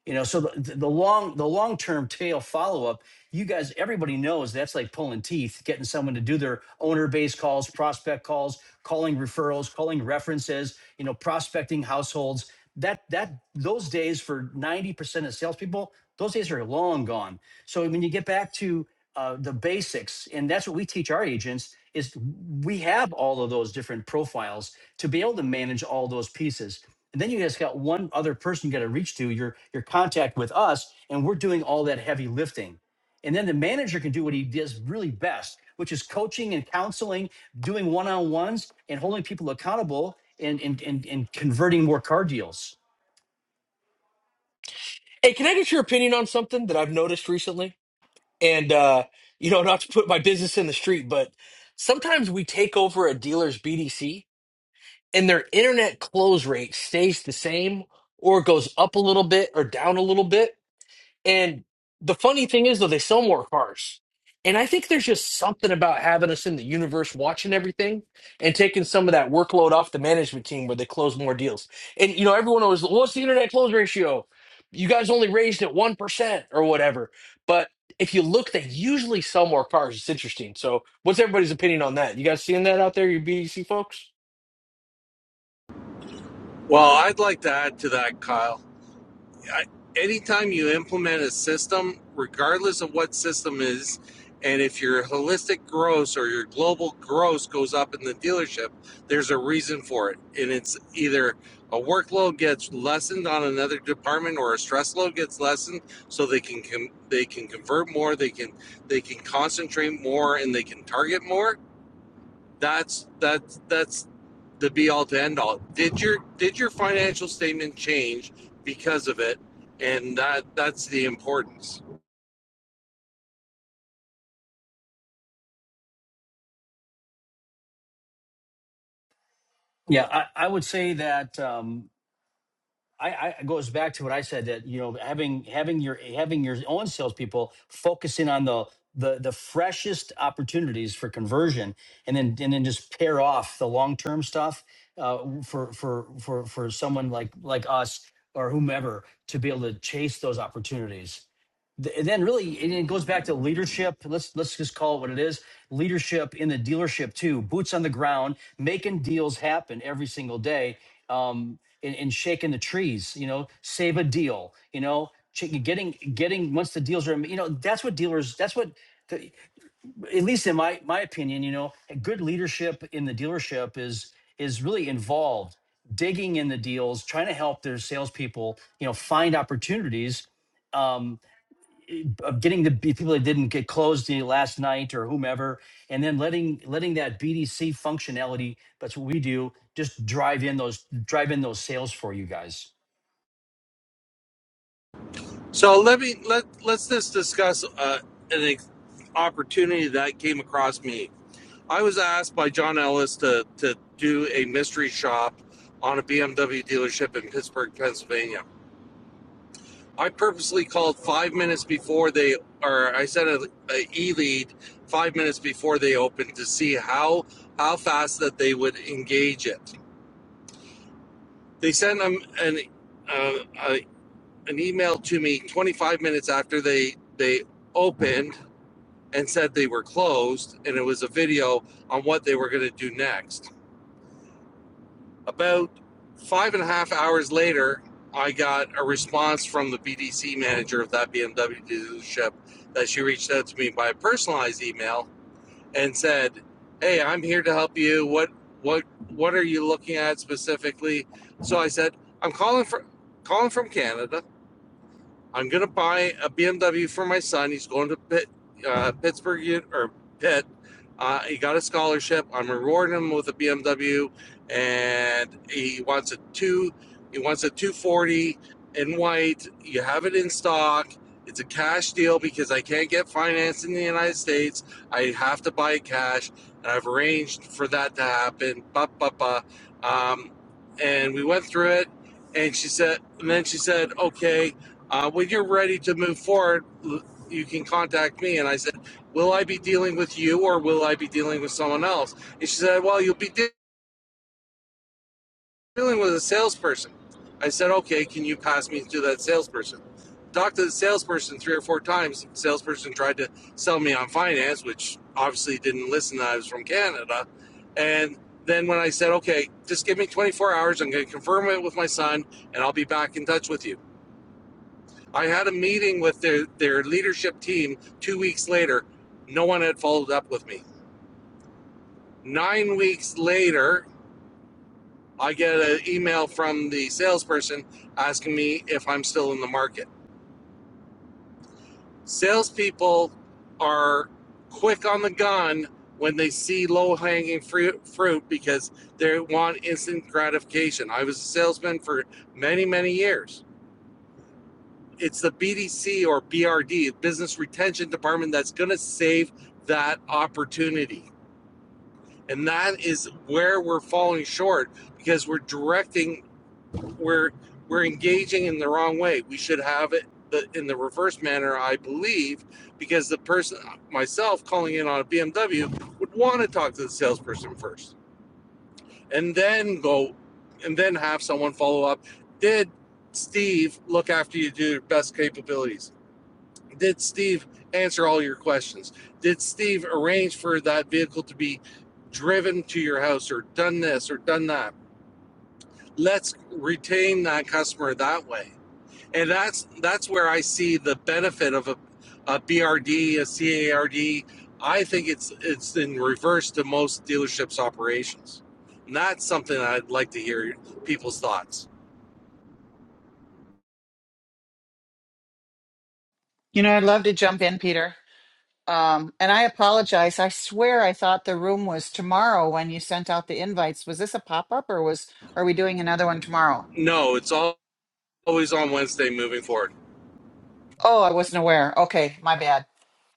You know, so the, the long the long term tail follow up, you guys, everybody knows that's like pulling teeth, getting someone to do their owner based calls, prospect calls, calling referrals, calling references, you know, prospecting households. That that those days for ninety percent of salespeople, those days are long gone. So when you get back to uh, the basics, and that's what we teach our agents is we have all of those different profiles to be able to manage all those pieces. And then you just got one other person you got to reach to your your contact with us, and we're doing all that heavy lifting. And then the manager can do what he does really best, which is coaching and counseling, doing one on ones, and holding people accountable, and and and, and converting more car deals. Hey, can I get your opinion on something that I've noticed recently? And uh, you know, not to put my business in the street, but sometimes we take over a dealer's BDC and their internet close rate stays the same or goes up a little bit or down a little bit. And the funny thing is, though, they sell more cars. And I think there's just something about having us in the universe watching everything and taking some of that workload off the management team where they close more deals. And, you know, everyone always, "Well, what's the internet close ratio? You guys only raised at 1% or whatever. But if you look, they usually sell more cars. It's interesting. So, what's everybody's opinion on that? You guys seeing that out there, you BDC folks? well i'd like to add to that kyle anytime you implement a system, regardless of what system is, and if your holistic gross or your global gross goes up in the dealership, there's a reason for it. And it's either a workload gets lessened on another department or a stress load gets lessened so they can com- they can convert more, they can they can concentrate more and they can target more that's that's that's the be all to end all. Did your did your financial statement change because of it? And that that's the importance. Yeah, I, I would say that. um, I, I it goes back to what I said that you know having having your having your own salespeople focusing on the the the freshest opportunities for conversion, and then and then just pair off the long term stuff uh, for for for for someone like like us or whomever to be able to chase those opportunities and then really it goes back to leadership let's let's just call it what it is leadership in the dealership too boots on the ground making deals happen every single day um and, and shaking the trees you know save a deal you know ch- getting getting once the deals are you know that's what dealers that's what the- at least in my my opinion you know good leadership in the dealership is is really involved digging in the deals trying to help their salespeople you know find opportunities um, of getting the people that didn't get closed the last night or whomever, and then letting letting that BDC functionality. That's what we do. Just drive in those drive in those sales for you guys. So let me let let's just discuss uh, an ex- opportunity that came across me. I was asked by John Ellis to to do a mystery shop on a BMW dealership in Pittsburgh, Pennsylvania. I purposely called five minutes before they, or I sent an e lead five minutes before they opened to see how how fast that they would engage it. They sent them an uh, a, an email to me 25 minutes after they they opened and said they were closed, and it was a video on what they were going to do next. About five and a half hours later, I got a response from the BDC manager of that BMW dealership that she reached out to me by a personalized email and said, "Hey, I'm here to help you. What what what are you looking at specifically?" So I said, "I'm calling for calling from Canada. I'm gonna buy a BMW for my son. He's going to Pitt, uh, Pittsburgh or Pitt. Uh, he got a scholarship. I'm rewarding him with a BMW, and he wants a two. He wants a 240 in white. You have it in stock. It's a cash deal because I can't get financed in the United States. I have to buy cash, and I've arranged for that to happen. Ba ba ba. Um, and we went through it, and she said, and then she said, okay uh, when you're ready to move forward, you can contact me. And I said, Will I be dealing with you or will I be dealing with someone else? And she said, Well, you'll be de- dealing with a salesperson. I said, Okay, can you pass me to that salesperson? Talked to the salesperson three or four times. The salesperson tried to sell me on finance, which obviously didn't listen that I was from Canada. And then when I said, Okay, just give me 24 hours, I'm going to confirm it with my son and I'll be back in touch with you. I had a meeting with their, their leadership team two weeks later. No one had followed up with me. Nine weeks later, I get an email from the salesperson asking me if I'm still in the market. Salespeople are quick on the gun when they see low hanging fruit, because they want instant gratification. I was a salesman for many, many years. it's the BDC or BRD, Business Retention Department, that's going to save that opportunity. And that is where we're falling short because we're directing, we're we're engaging in the wrong way. We should have it in the reverse manner, I believe, because the person, myself, calling in on a BMW would want to talk to the salesperson first, and then go, and then have someone follow up. Did Steve look after you to your best capabilities? did Steve answer all your questions? Did Steve arrange for that vehicle to be driven to your house or done this or done that? Let's retain that customer that way. And that's that's where I see the benefit of a, a BRD, a CARD. I think it's it's in reverse to most dealerships operations. And that's something I'd like to hear people's thoughts. You know, I'd love to jump in, Peter. Um, and I apologize. I swear I thought the room was tomorrow when you sent out the invites. Was this a pop-up or was are we doing another one tomorrow? No, it's al- always on Wednesday moving forward. Oh, I wasn't aware. Okay, my bad.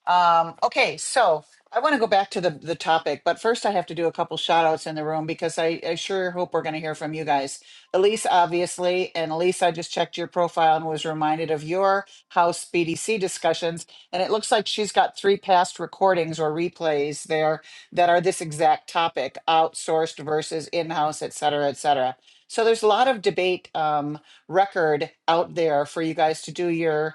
Um, okay, so I want to go back to the, the topic, but first I have to do a couple shout outs in the room because I, I sure hope we're going to hear from you guys. Elise, obviously, and Elise, I just checked your profile and was reminded of your house BDC discussions. And it looks like she's got three past recordings or replays there that are this exact topic outsourced versus in house, et cetera, et cetera. So there's a lot of debate um, record out there for you guys to do your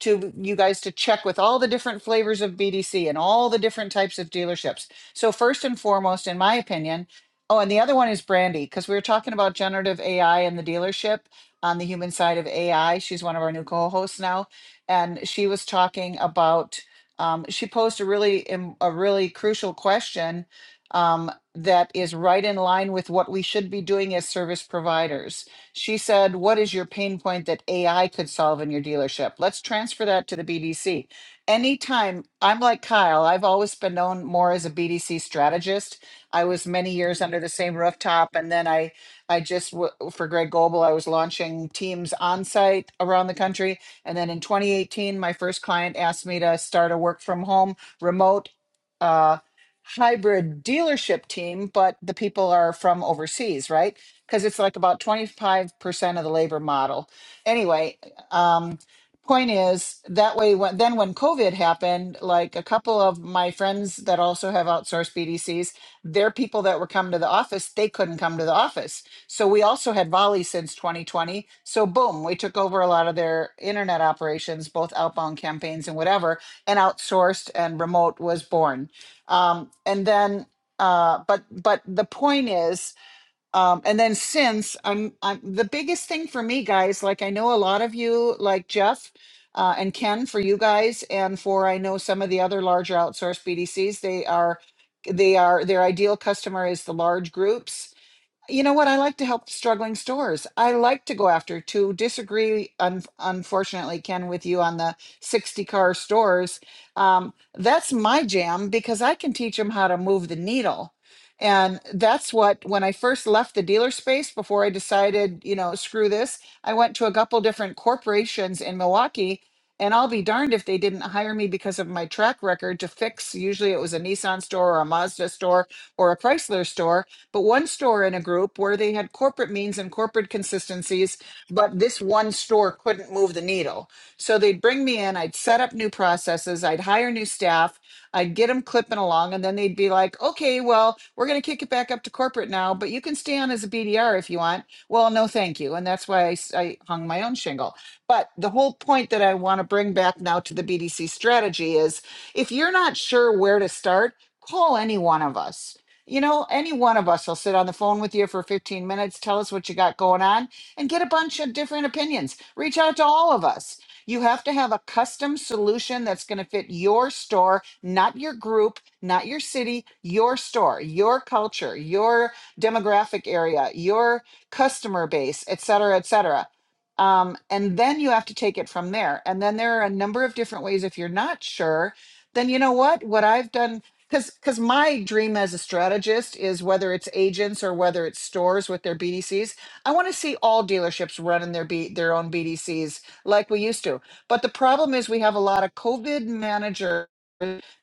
to you guys to check with all the different flavors of BDC and all the different types of dealerships. So first and foremost, in my opinion, oh, and the other one is Brandy because we were talking about generative AI in the dealership on the human side of AI. She's one of our new co-hosts now, and she was talking about. Um, she posed a really im- a really crucial question um, that is right in line with what we should be doing as service providers she said, What is your pain point that AI could solve in your dealership? Let's transfer that to the BDC. Anytime I'm like Kyle, I've always been known more as a BDC strategist. I was many years under the same rooftop. And then I, I just, w- for Greg Goble, I was launching teams on site around the country. And then in 2018, my first client asked me to start a work from home remote uh, hybrid dealership team, but the people are from overseas, right? because it's like about 25% of the labor model. Anyway, um, point is that way, when, then when COVID happened, like a couple of my friends that also have outsourced BDCs, their people that were coming to the office, they couldn't come to the office. So we also had Volley since 2020. So boom, we took over a lot of their internet operations, both outbound campaigns and whatever, and outsourced and remote was born. Um, and then, uh, but but the point is um and then since i'm i'm the biggest thing for me guys like i know a lot of you like jeff uh, and ken for you guys and for i know some of the other larger outsourced bdcs they are they are their ideal customer is the large groups you know what? I like to help struggling stores. I like to go after to disagree, un- unfortunately, Ken, with you on the 60 car stores. Um, that's my jam because I can teach them how to move the needle. And that's what, when I first left the dealer space before I decided, you know, screw this, I went to a couple different corporations in Milwaukee. And I'll be darned if they didn't hire me because of my track record to fix. Usually it was a Nissan store or a Mazda store or a Chrysler store but one store in a group where they had corporate means and corporate consistencies, but this one store couldn't move the needle. So they'd bring me in, I'd set up new processes, I'd hire new staff, I'd get them clipping along, and then they'd be like, okay, well, we're going to kick it back up to corporate now, but you can stay on as a BDR if you want. Well, no, thank you. And that's why I, s- I hung my own shingle. But the whole point that I want to bring back now to the BDC strategy is if you're not sure where to start, call any one of us you know, any one of us will sit on the phone with you for 15 minutes, tell us what you got going on, and get a bunch of different opinions. Reach out to all of us. You have to have a custom solution that's going to fit your store, not your group, not your city, your store, your culture, your demographic area, your customer base, et cetera, et cetera. Um, and then you have to take it from there. And then there are a number of different ways. If you're not sure, then you know what? What I've done because because my dream as a strategist is whether it's agents or whether it's stores with their BDCs, I want to see all dealerships running their B, their own BDCs like we used to. But the problem is we have a lot of COVID managers,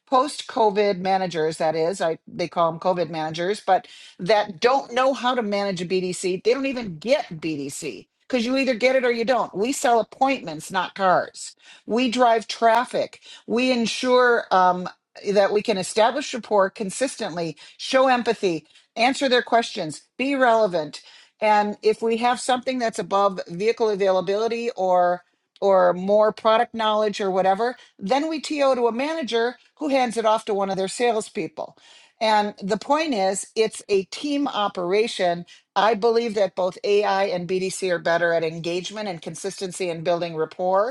post COVID managers. That is, I they call them COVID managers, but that don't know how to manage a BDC. They don't even get BDC. Because you either get it or you don't. We sell appointments, not cars. We drive traffic we insure um, that we can establish rapport consistently, show empathy, answer their questions, be relevant. And if we have something that's above vehicle availability or or more product knowledge or whatever, then we TO to a manager who hands it off to one of their salespeople. And the point is, it's a team operation. I believe that both AI and BDC are better at engagement and consistency and building rapport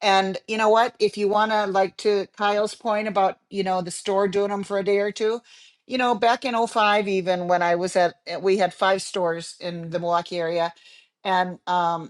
and you know what? If you want to, like to Kyle's point about, you know, the store doing them for a day or two, you know, back in oh 05, even when I was at, eh, we had five stores in the Milwaukee area. And um,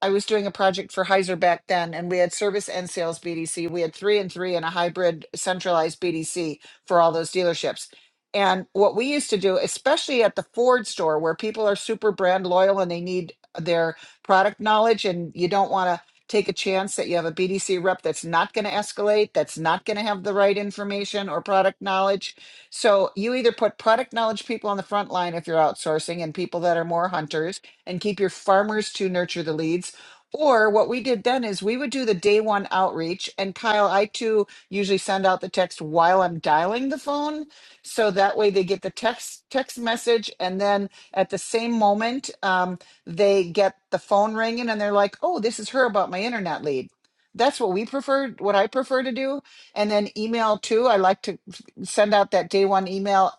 I was doing a project for Heiser back then, and we had service and sales BDC. We had three and three and a hybrid centralized BDC for all those dealerships. And what we used to do, especially at the Ford store where people are super brand loyal and they need their product knowledge, and you don't want to take a chance that you have a BDC rep that's not going to escalate, that's not going to have the right information or product knowledge. So you either put product knowledge people on the front line if you're outsourcing and people that are more hunters and keep your farmers to nurture the leads or what we did then is we would do the day one outreach. And Kyle, I too usually send out the text while I'm dialing the phone. So that way they get the text text message. And then at the same moment, um, they get the phone ringing and they're like, oh, this is her about my internet lead. That's what we prefer, what I prefer to do. And then email too. I like to send out that day one email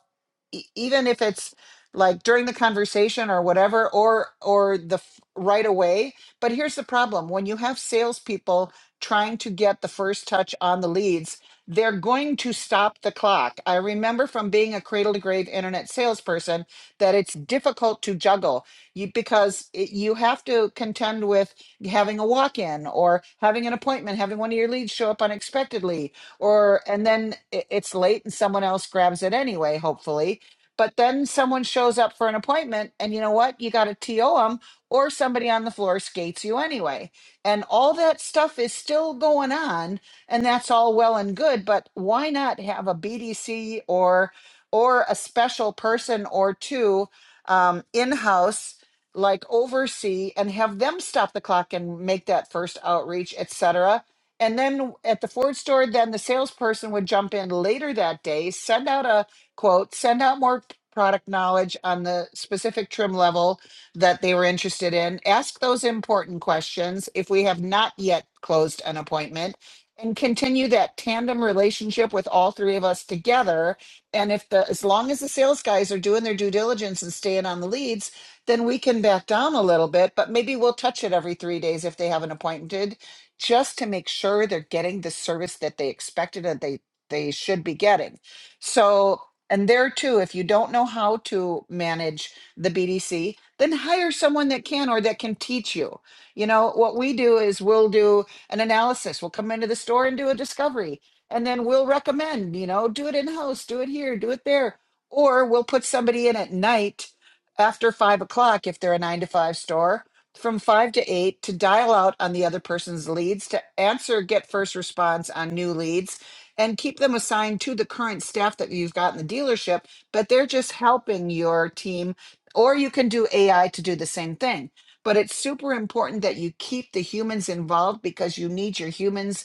e- even if it's like during the conversation or whatever or or the f- right away but here's the problem when you have salespeople trying to get the first touch on the leads, they're going to stop the clock. I remember from being a cradle to grave internet salesperson that it's difficult to juggle you, because it, you have to contend with having a walk in or having an appointment, having one of your leads show up unexpectedly, or and then i- it's late and someone else grabs it anyway, hopefully. But then someone shows up for an appointment, and you know what? You got to TO 'em or somebody on the floor skates you anyway. And all that stuff is still going on, and that's all well and good, but why not have a BDC or or a special person or two um, in-house like oversee and have them stop the clock and make that first outreach, et cetera. And then at the Ford store, then the salesperson would jump in later that day, send out a quote, send out more product knowledge on the specific trim level, that they were interested in. Ask those important questions if we have not yet closed an appointment and continue that tandem relationship with all three of us together. And if the, as long as the sales guys are doing their due diligence and staying on the leads, then we can back down a little bit, but maybe we'll touch it every three days if they haven't appointed just to make sure they're getting the service that they expected and they, they should be getting. So, and there too, if you don't know how to manage the BDC, then hire someone that can or that can teach you. You know, what we do is we'll do an analysis. We'll come into the store and do a discovery. And then we'll recommend, you know, do it in house, do it here, do it there. Or we'll put somebody in at night after five o'clock if they're a nine to five store from five to eight to dial out on the other person's leads to answer get first response on new leads and keep them assigned to the current staff that you've got in the dealership but they're just helping your team or you can do AI to do the same thing. But it's super important that you keep the humans involved because you need your humans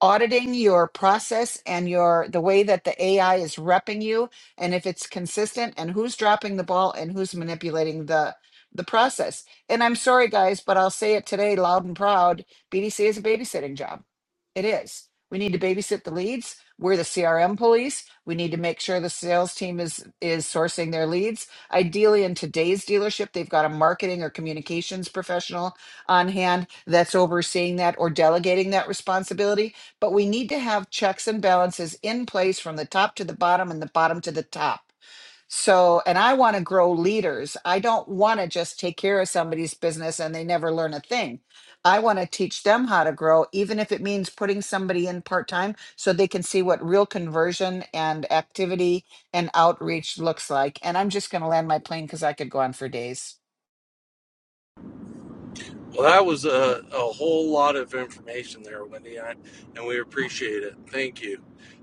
auditing your process and your the way that the AI is repping you and if it's consistent and who's dropping the ball and who's manipulating the the process. And I'm sorry guys, but I'll say it today loud and proud, BDC is a babysitting job. It is. We need to babysit the leads. We're the CRM police. We need to make sure the sales team is is sourcing their leads. Ideally in today's dealership, they've got a marketing or communications professional on hand that's overseeing that or delegating that responsibility but we need to have checks and balances in place from the top to the bottom and the bottom to the top. So, and I want to grow leaders. I don't want to just take care of somebody's business and they never learn a thing. I want to teach them how to grow, even if it means putting somebody in part time so they can see what real conversion and activity and outreach looks like. And I'm just going to land my plane because I could go on for days. Well, that was a, a whole lot of information there, Wendy, and we appreciate it. Thank you.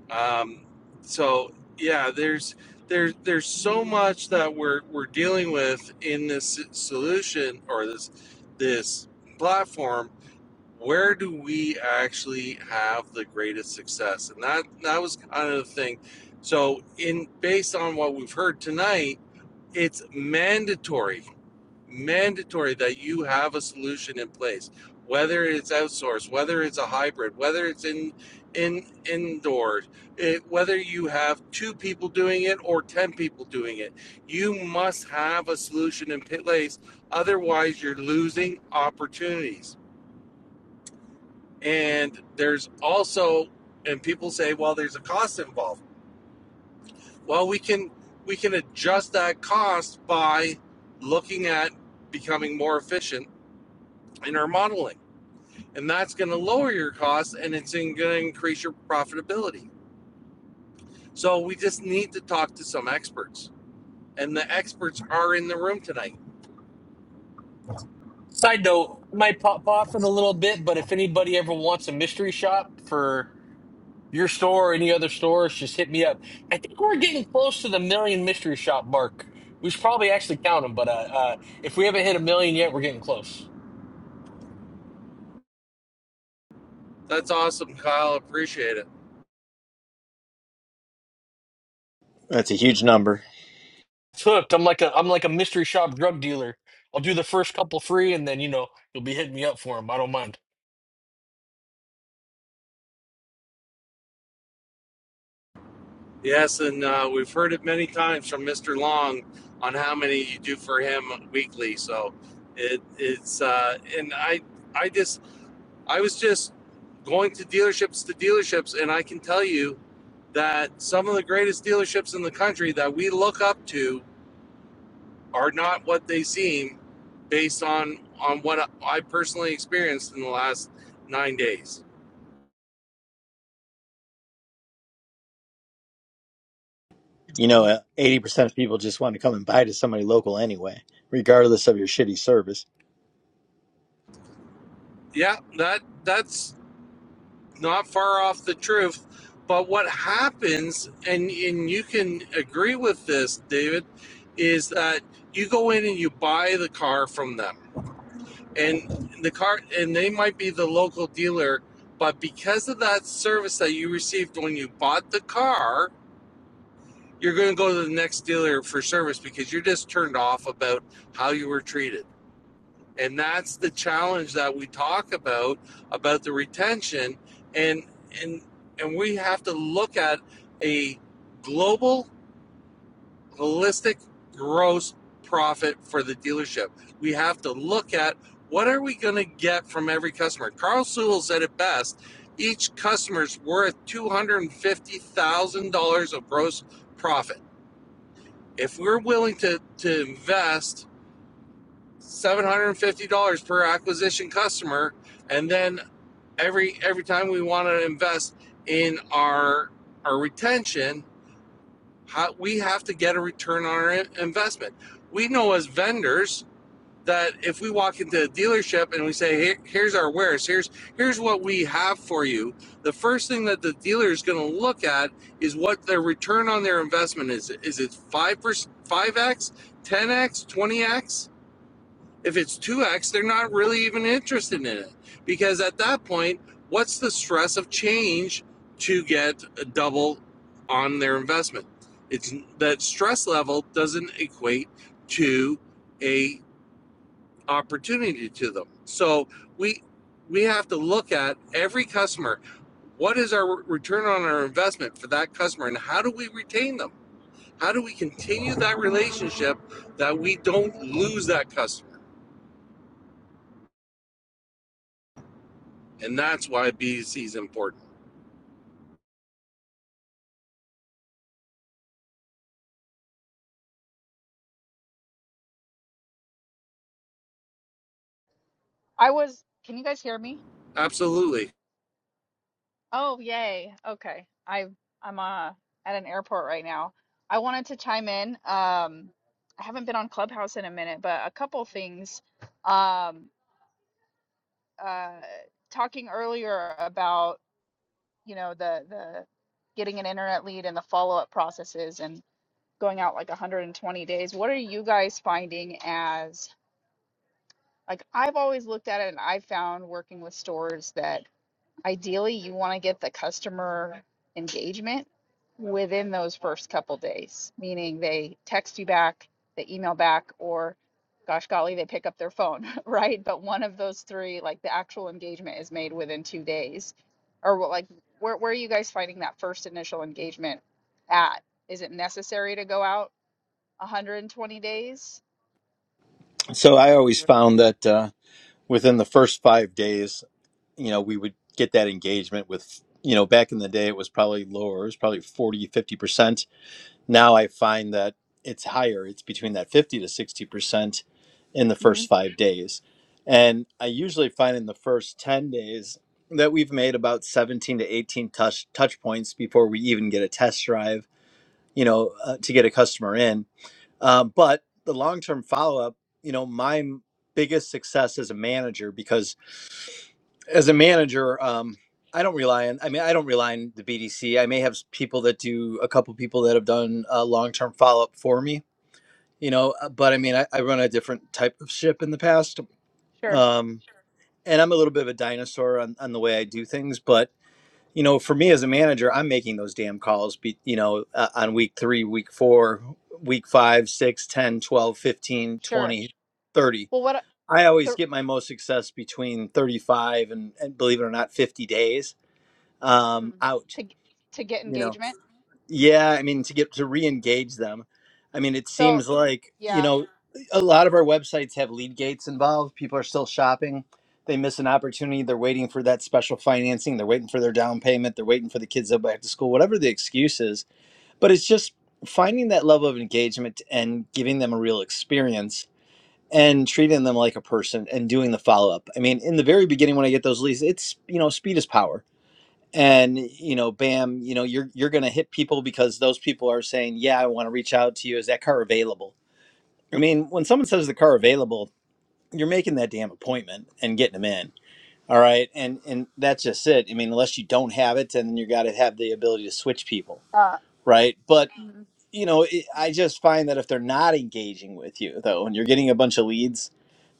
Um, so yeah, there's there's there's so much that we're we're dealing with in this solution or this this platform. Where do we actually have the greatest success? And that that was kind of the thing. So in based on what we've heard tonight, it's mandatory mandatory that you have a solution in place whether it's outsourced whether it's a hybrid whether it's in in indoor it, whether you have two people doing it or 10 people doing it you must have a solution in place otherwise you're losing opportunities and there's also and people say well there's a cost involved well we can we can adjust that cost by looking at becoming more efficient in our modeling and that's going to lower your costs and it's going to increase your profitability. So we just need to talk to some experts, and the experts are in the room tonight. Side note, might pop off in a little bit, but if anybody ever wants a mystery shop for Your store, or any other stores, just hit me up. I think we're getting close to the million mystery shop mark. We should probably actually count them, but uh, uh, if we haven't hit a million yet, we're getting close. That's awesome, Kyle. Appreciate it. That's a huge number. It's hooked. I'm like a I'm like a mystery shop drug dealer. I'll do the first couple free, and then you know you'll be hitting me up for them. I don't mind. Yes, and uh, we've heard it many times from Mr. Long on how many you do for him weekly. So it it's uh, and I I just I was just going to dealerships to dealerships, and I can tell you that some of the greatest dealerships in the country that we look up to are not what they seem based on on what I personally experienced in the last 9 days. You know, uh, eighty percent of people just want to come and buy to somebody local anyway, regardless of your shitty service. Yeah, that that's not far off the truth. But what happens and and you can agree with this, David, is that you go in and you buy the car from them. And the car and they might be the local dealer, but because of that service that you received when you bought the car, you're going to go to the next dealer for service because you're just turned off about how you were treated. And that's the challenge that we talk about about the retention and and and we have to look at a global holistic gross profit for the dealership. We have to look at what are we going to get from every customer. Carl Sewell said it best, each customer's worth $250,000 of gross profit if we're willing to to invest seven hundred and fifty dollars per acquisition customer, and then every every time we want to invest in our our retention, how, we have to get a return on our investment. We know as vendors that if we walk into a dealership and we say Here, here's our wares here's here's what we have for you the first thing that the dealer is going to look at is what their return on their investment is is it 5% 5x 10x 20x if it's 2x they're not really even interested in it because at that point what's the stress of change to get a double on their investment it's that stress level doesn't equate to a opportunity to them. So we we have to look at every customer. What is our return on our investment for that customer, and how do we retain them? How do we continue that relationship that we don't lose that customer? And that's why BDC is important. I was, can you guys hear me? Absolutely. Oh, yay. Okay. I I'm uh at an airport right now. I wanted to chime in. Um I haven't been on Clubhouse in a minute, but a couple things. Um uh talking earlier about, you know, the the getting an internet lead and the follow-up processes and going out like 120 days. What are you guys finding as like I've always looked at it and i found working with stores that Ideally, you want to get the customer engagement within those first couple days, meaning they text you back, they email back, or gosh golly, they pick up their phone, right? But one of those three, like the actual engagement is made within two days. Or what, like, where, where are you guys finding that first initial engagement at? Is it necessary to go out 120 days? So I always found that uh, within the first five days, you know, we would get that engagement with. You know, back in the day, it was probably lower. It was probably 40, 50 percent. Now I find that it's higher. It's between that fifty to sixty percent in the hmm first five days. And I usually find in the first 10 days that we've made about 17 to 18 touch, touch points before we even get a test drive, you know, uh, to get a customer in. Uh, but the long term follow up, you know, my m- biggest success as a manager, because as a manager, um, I don't rely on, I mean, I don't rely on the BDC. I may have s- people that do, a couple people that have done uh, long term follow up for me, you know, uh, but I mean, I, I run a different type of ship in the past. Sure, Um, and I'm a little bit of a dinosaur on, on the way I do things, but you know, for me as a manager, I'm making those damn calls, be, you know, uh, on week three, week four, week five, six, ten, twelve, fifteen, sure. twenty, thirty. Well, what I always the get my most success between 35 and, and believe it or not, 50 days um, mm, out, to g- to get you know. engagement? Yeah, I mean to get to re-engage them. I mean, it So, seems like, you yeah. know, a lot of our websites have lead gates involved. People are still shopping. They miss an opportunity. They're waiting for that special financing. They're waiting for their down payment. They're waiting for the kids to go back to school, whatever the excuse is. But it's just finding that level of engagement and giving them a real experience and treating them like a person and doing the follow up. I mean, in the very beginning when I get those leads, it's, you know, speed is power and you know bam you know you're you're going to hit people because those people are saying yeah i want to reach out to you is that car available i mean when someone says the car available you're making that damn appointment and getting them in all right and and that's just it i mean unless you don't have it then you got to have the ability to switch people Uh, right but mhm. you know it, i just find that if they're not engaging with you though and you're getting a bunch of leads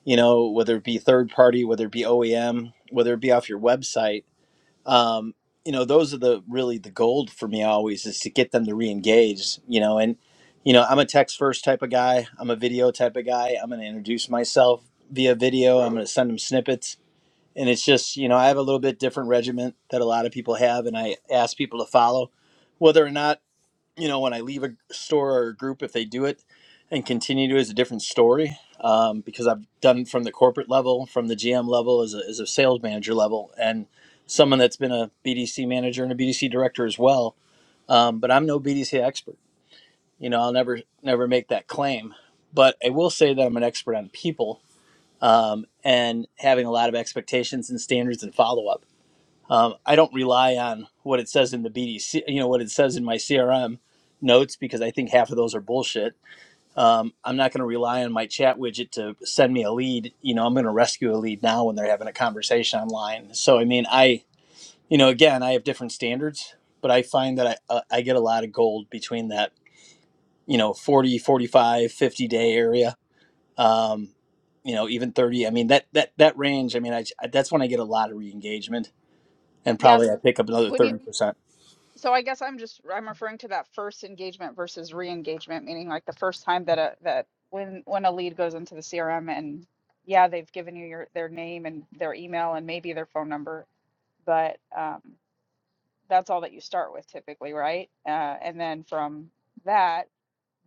you know whether it be third party whether it be oem whether it be off your website um, you know, those are the really the gold for me always is to get them to re-engage, you know, and you know, I'm a text first type of guy, I'm a video type of guy, I'm gonna introduce myself via video, I'm gonna send them snippets. And it's just, you know, I have a little bit different regiment that a lot of people have and I ask people to follow. Whether or not you know, when I leave a store or a group, if they do it and continue to is a different story. Um, because I've done from the corporate level, from the GM level, as a, as a sales manager level, and someone that's been a BDC manager and a BDC director as well. Um, but I'm no BDC expert. You know, I'll never never make that claim. But I will say that I'm an expert on people um, and having a lot of expectations and standards and follow up. Um, I don't rely on what it says in the BDC, you know, what it says in my CRM notes because I think half of those are bullshit. Um, I'm not going to rely on my chat widget to send me a lead. You know, I'm going to rescue a lead now when they're having a conversation online. So, I mean, I, you know, again, I have different standards, but I find that I, uh, I get a lot of gold between that, you know, forty, forty-five, fifty day area. Um, you know, even 30. I mean, that, that, that range, I mean, I, that's when I get a lot of re engagement and probably yes. I pick up D- another When you, 30%. so I guess I'm just I'm referring to that first engagement versus re-engagement, meaning like the first time that a that when when a lead goes into the CRM and yeah, they've given you your their name and their email and maybe their phone number, but um, that's all that you start with typically, right? Uh, and then from that,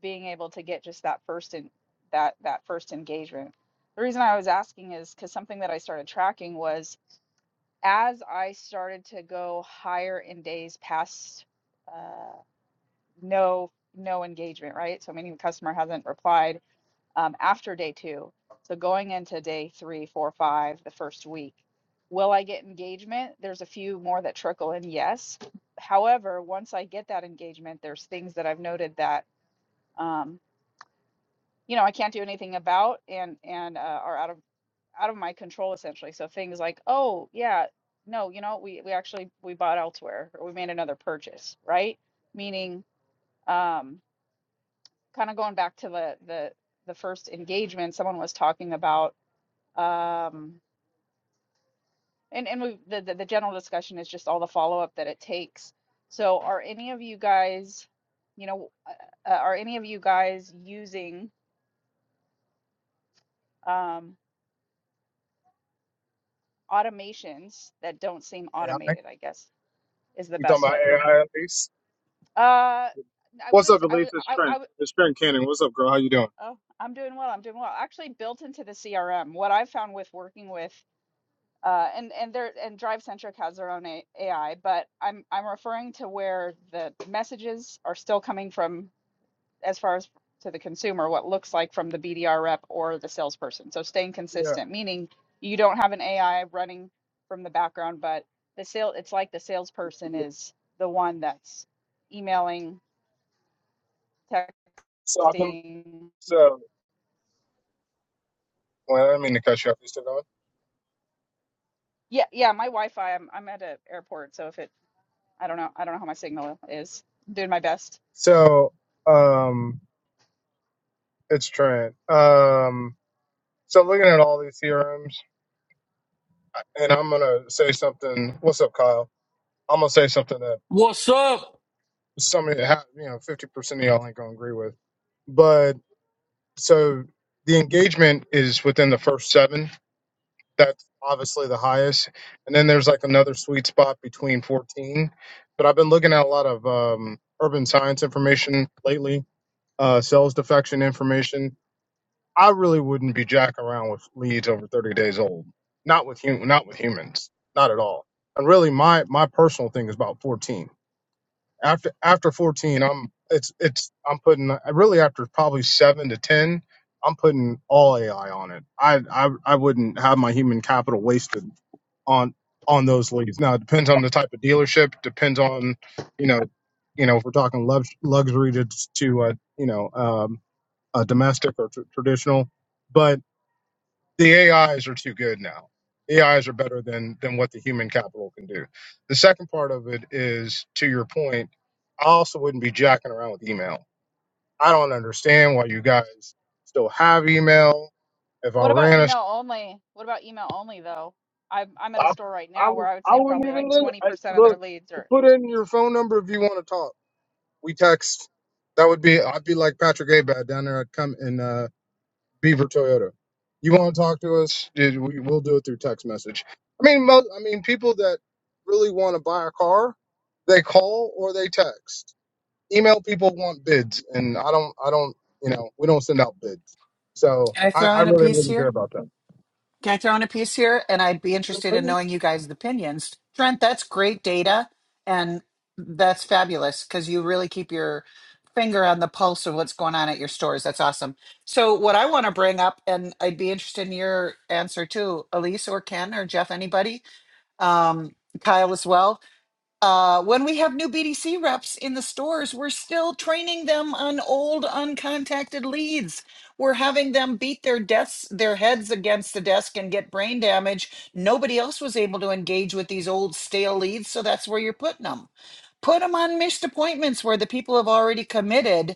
being able to get just that first in that that first engagement. The reason I was asking is because something that I started tracking was as I started to go higher in days past uh, no no engagement, right? So meaning the customer hasn't replied um, after day two. So going into day three, four, five, the first week, will I get engagement? There's a few more that trickle in, yes. However, once I get that engagement, there's things that I've noted that um, you know I can't do anything about and and uh, are out of out of my control essentially. So things like, oh yeah, no, you know, we we actually we bought elsewhere or we made another purchase, right? Meaning, um, kind of going back to the the the first engagement, someone was talking about, um, and and we the the, the general discussion is just all the follow up that it takes. So are any of you guys, you know, uh, uh, are any of you guys using um, automations that don't seem AI? automated? I guess is the You talking best about way AI at least? Uh, I What's wouldn't up, say I Elise? would It's I Trent. I would It's Trent Cannon. What's up, girl? How you doing? oh I'm doing well I'm doing well actually built into the CRM what I've found with working with uh and and there and DriveCentric has their own A- AI but I'm I'm referring to where the messages are still coming from as far as to the consumer what looks like from the BDR rep or the salesperson so staying Yeah. consistent meaning you don't have an AI running from the background but the sale it's like the salesperson is the one that's emailing So I've been texting. so well, I didn't mean to cut you off. You still going? Yeah, yeah, my Wi-Fi. I'm I'm at an airport, so if it, I don't know, I don't know how my signal is. I'm doing my best. So um it's Trent. Um so looking at all these theorems and I'm gonna say something what's up, Kyle? I'm gonna say something that What's up? some of you have you know, fifty percent of y'all ain't gonna agree with. But so the engagement is within the first seven. that's obviously the highest. And then there's like another sweet spot between 14. But I've been looking at a lot of um, urban science information lately, uh, sales defection information. I really wouldn't be jacking around with leads over 30 days old. Not with hum- not with humans, not at all. And really, my my personal thing is about 14 after after 14 i'm it's it's i'm putting really after probably 7 to 10 i'm putting all ai on it i i, I wouldn't have my human capital wasted on on those leads now it depends on the type of dealership depends on you know you know if we're talking lux- luxury to to uh, you know um, uh, domestic or tr- traditional the AIs are too good now. AIs are better than than what the human capital can do. The second part of it is to your point. I also wouldn't be jacking around with email. I don't understand why you guys still have email. If I What about ran a, email only? What about email only though? I'm I'm at a I, store right I, now where would- I would I say wouldn't probably like even li- 20% I, of their look. leads You are. put in your phone number if you want to talk. We text. That would be. I'd be like Patrick Abad down there. I'd come in. Beaver Toyota. You want to talk to us? Dude, we- We'll do it through text message. I mean, most, I mean, people that really want to buy a car, they call or they text. Email people want bids, and I don't, I don't, you know, we don't send out bids, so Can I I, throw I in a really piece wouldn't here? care about Can I throw in a piece here? And I'd be interested in that. knowing you guys' opinions. Trent, that's great data. And that's fabulous because you really keep your finger on the pulse of what's going on at your stores. That's awesome. So, what I want to bring up, and I'd be interested in your answer too, Elise or Ken or Jeff, anybody, um, Kyle as well uh, when we have new BDC reps in the stores, we're still training them on old uncontacted leads. We're having them beat their desks, their heads against the desk and get brain damage. Nobody else was able to engage with these old stale leads, so that's where you're putting them. Put them on missed appointments where the people have already committed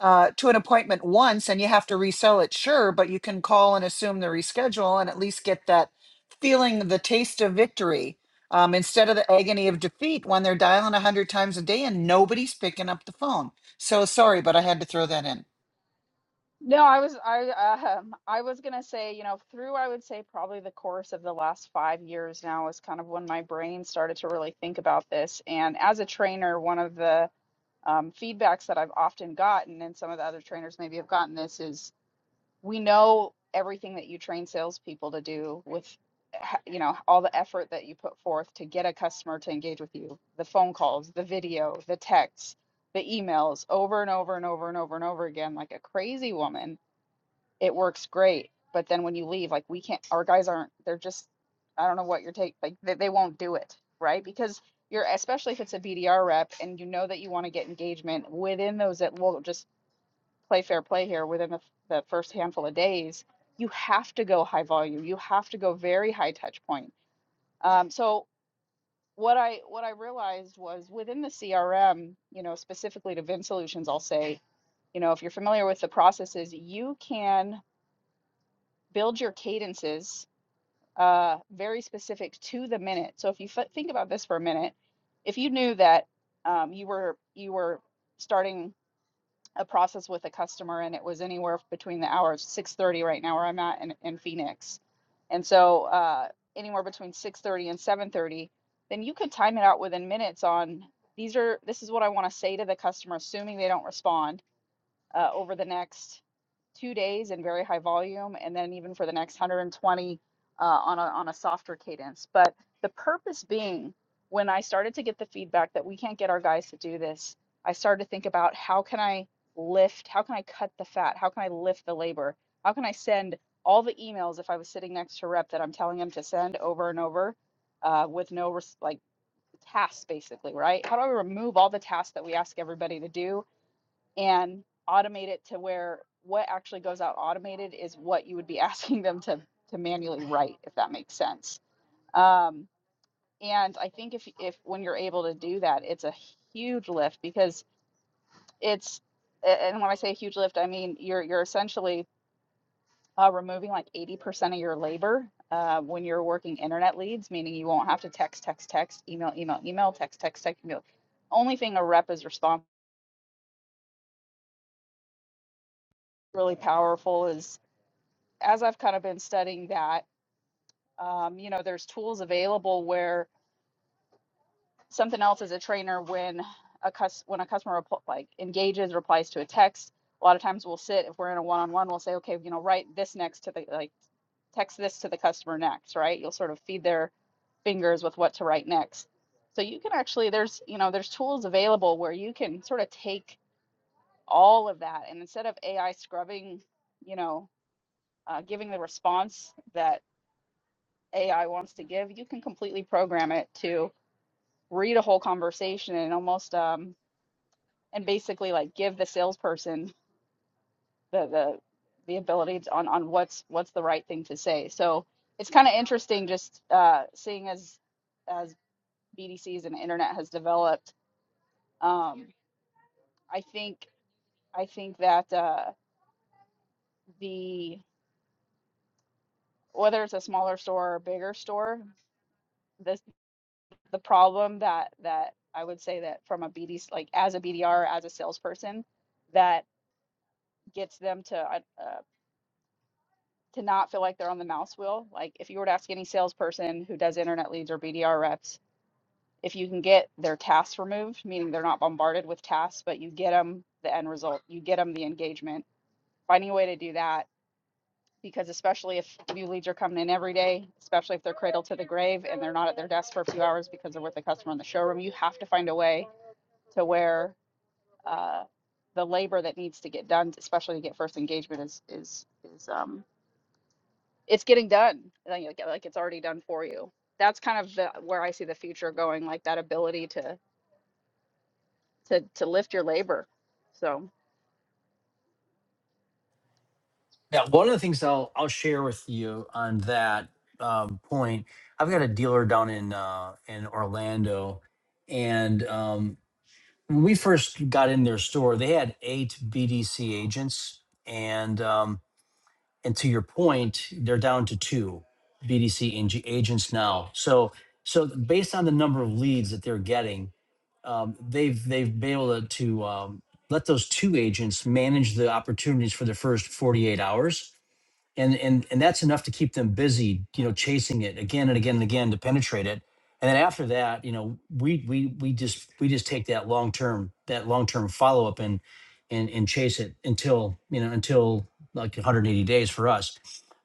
uh, to an appointment once and you have to resell it, sure, but you can call and assume the reschedule and at least get that feeling, the taste of victory um, instead of the agony of defeat when they're dialing 100 times a day and nobody's picking up the phone. So sorry, but I had to throw that in. No, I was I um I was gonna say you know through I would say probably the course of the last five years now is kind of when my brain started to really think about this. And as a trainer, one of the um, feedbacks that I've often gotten, and some of the other trainers maybe have gotten this, is we know everything that you train salespeople to do with you know all the effort that you put forth to get a customer to engage with you the phone calls the video the texts the emails over and over and over and over and over again like a crazy woman it works great but then when you leave like we can't our guys aren't they're just i don't know what your take like they, they won't do it right because you're especially if it's a bdr rep and you know that you want to get engagement within those that will just play fair play here within the, the first handful of days, you have to go high volume. You have to go very high touch point. Um, so what I what I realized was within the CRM, you know, specifically to Vin Solutions, I'll say, you know, if you're familiar with the processes, you can build your cadences uh, very specific to the minute. So if you f- think about this for a minute, if you knew that um, you were you were starting a process with a customer and it was anywhere between the hours 6.30 right now where i'm at in, in phoenix and so uh, anywhere between 6.30 and 7.30 then you could time it out within minutes on these are this is what i want to say to the customer assuming they don't respond uh, over the next two days in very high volume, and then even for the next 120 uh, on a on a softer cadence. But the purpose being, when I started to get the feedback that we can't get our guys to do this, I started to think about how can I lift, how can I cut the fat, how can I lift the labor, how can I send all the emails if I was sitting next to a rep that I'm telling him to send over and over uh, with no res- like tasks basically, right? How do I remove all the tasks that we ask everybody to do? and automate it to where what actually goes out automated is what you would be asking them to to manually write, if that makes sense. Um, and I think if if when you're able to do that, it's a huge lift because it's a- and when I say huge lift, I mean you're you're essentially uh, removing like 80% of your labor uh, when you're working internet leads, meaning you won't have to text, text, text, email, email, email, text, text, text, email. Only thing a rep is responsible really powerful is as I've kind of been studying that um, you know there's tools available where something else as a trainer when a cus- when a customer repl- like engages replies to a text a lot of times we'll sit if we're in a one-on-one we'll say okay you know write this next to the like text this to the customer next right you'll sort of feed their fingers with what to write next so you can actually there's you know there's tools available where you can sort of take all of that and instead of ai scrubbing you know uh, giving the response that ai wants to give you can completely program it to read a whole conversation and almost um and basically like give the salesperson the the the ability to, on on what's what's the right thing to say. So it's kind of interesting just uh seeing as as BDCs and internet has developed. Um I think I think that uh the whether it's a smaller store or bigger store, this the problem that that I would say that from a BDC like as a BDR as a salesperson that gets them to uh, to not feel like they're on the mouse wheel. Like if you were to ask any salesperson who does internet leads or BDR reps, if you can get their tasks removed, meaning they're not bombarded with tasks, but you get them the end result, you get them the engagement. Finding a way to do that because especially if new leads are coming in every day, especially if they're cradle to the grave and they're not at their desk for a few hours because they're with a customer in the showroom, you have to find a way to where uh, the labor that needs to get done, especially to get first engagement, is is is um, it's getting done like you get- like it's already done for you that's kind of the, where i see the future going like that ability to to to lift your labor so Yeah, one of the things I'll I'll share with you on that um, point. I've got a dealer down in uh, in Orlando, and um, when we first got in their store, they had eight BDC agents, and um, And to your point, they're down to two BDC ag- agents now. So, so based on the number of leads that they're getting, um, they've they've been able to, to um, let those two agents manage the opportunities for the first 48 hours and and and that's enough to keep them busy you know chasing it again and again and again to penetrate it and then after that you know we we we just we just take that long term that long term follow up and and and chase it until you know until like 180 days for us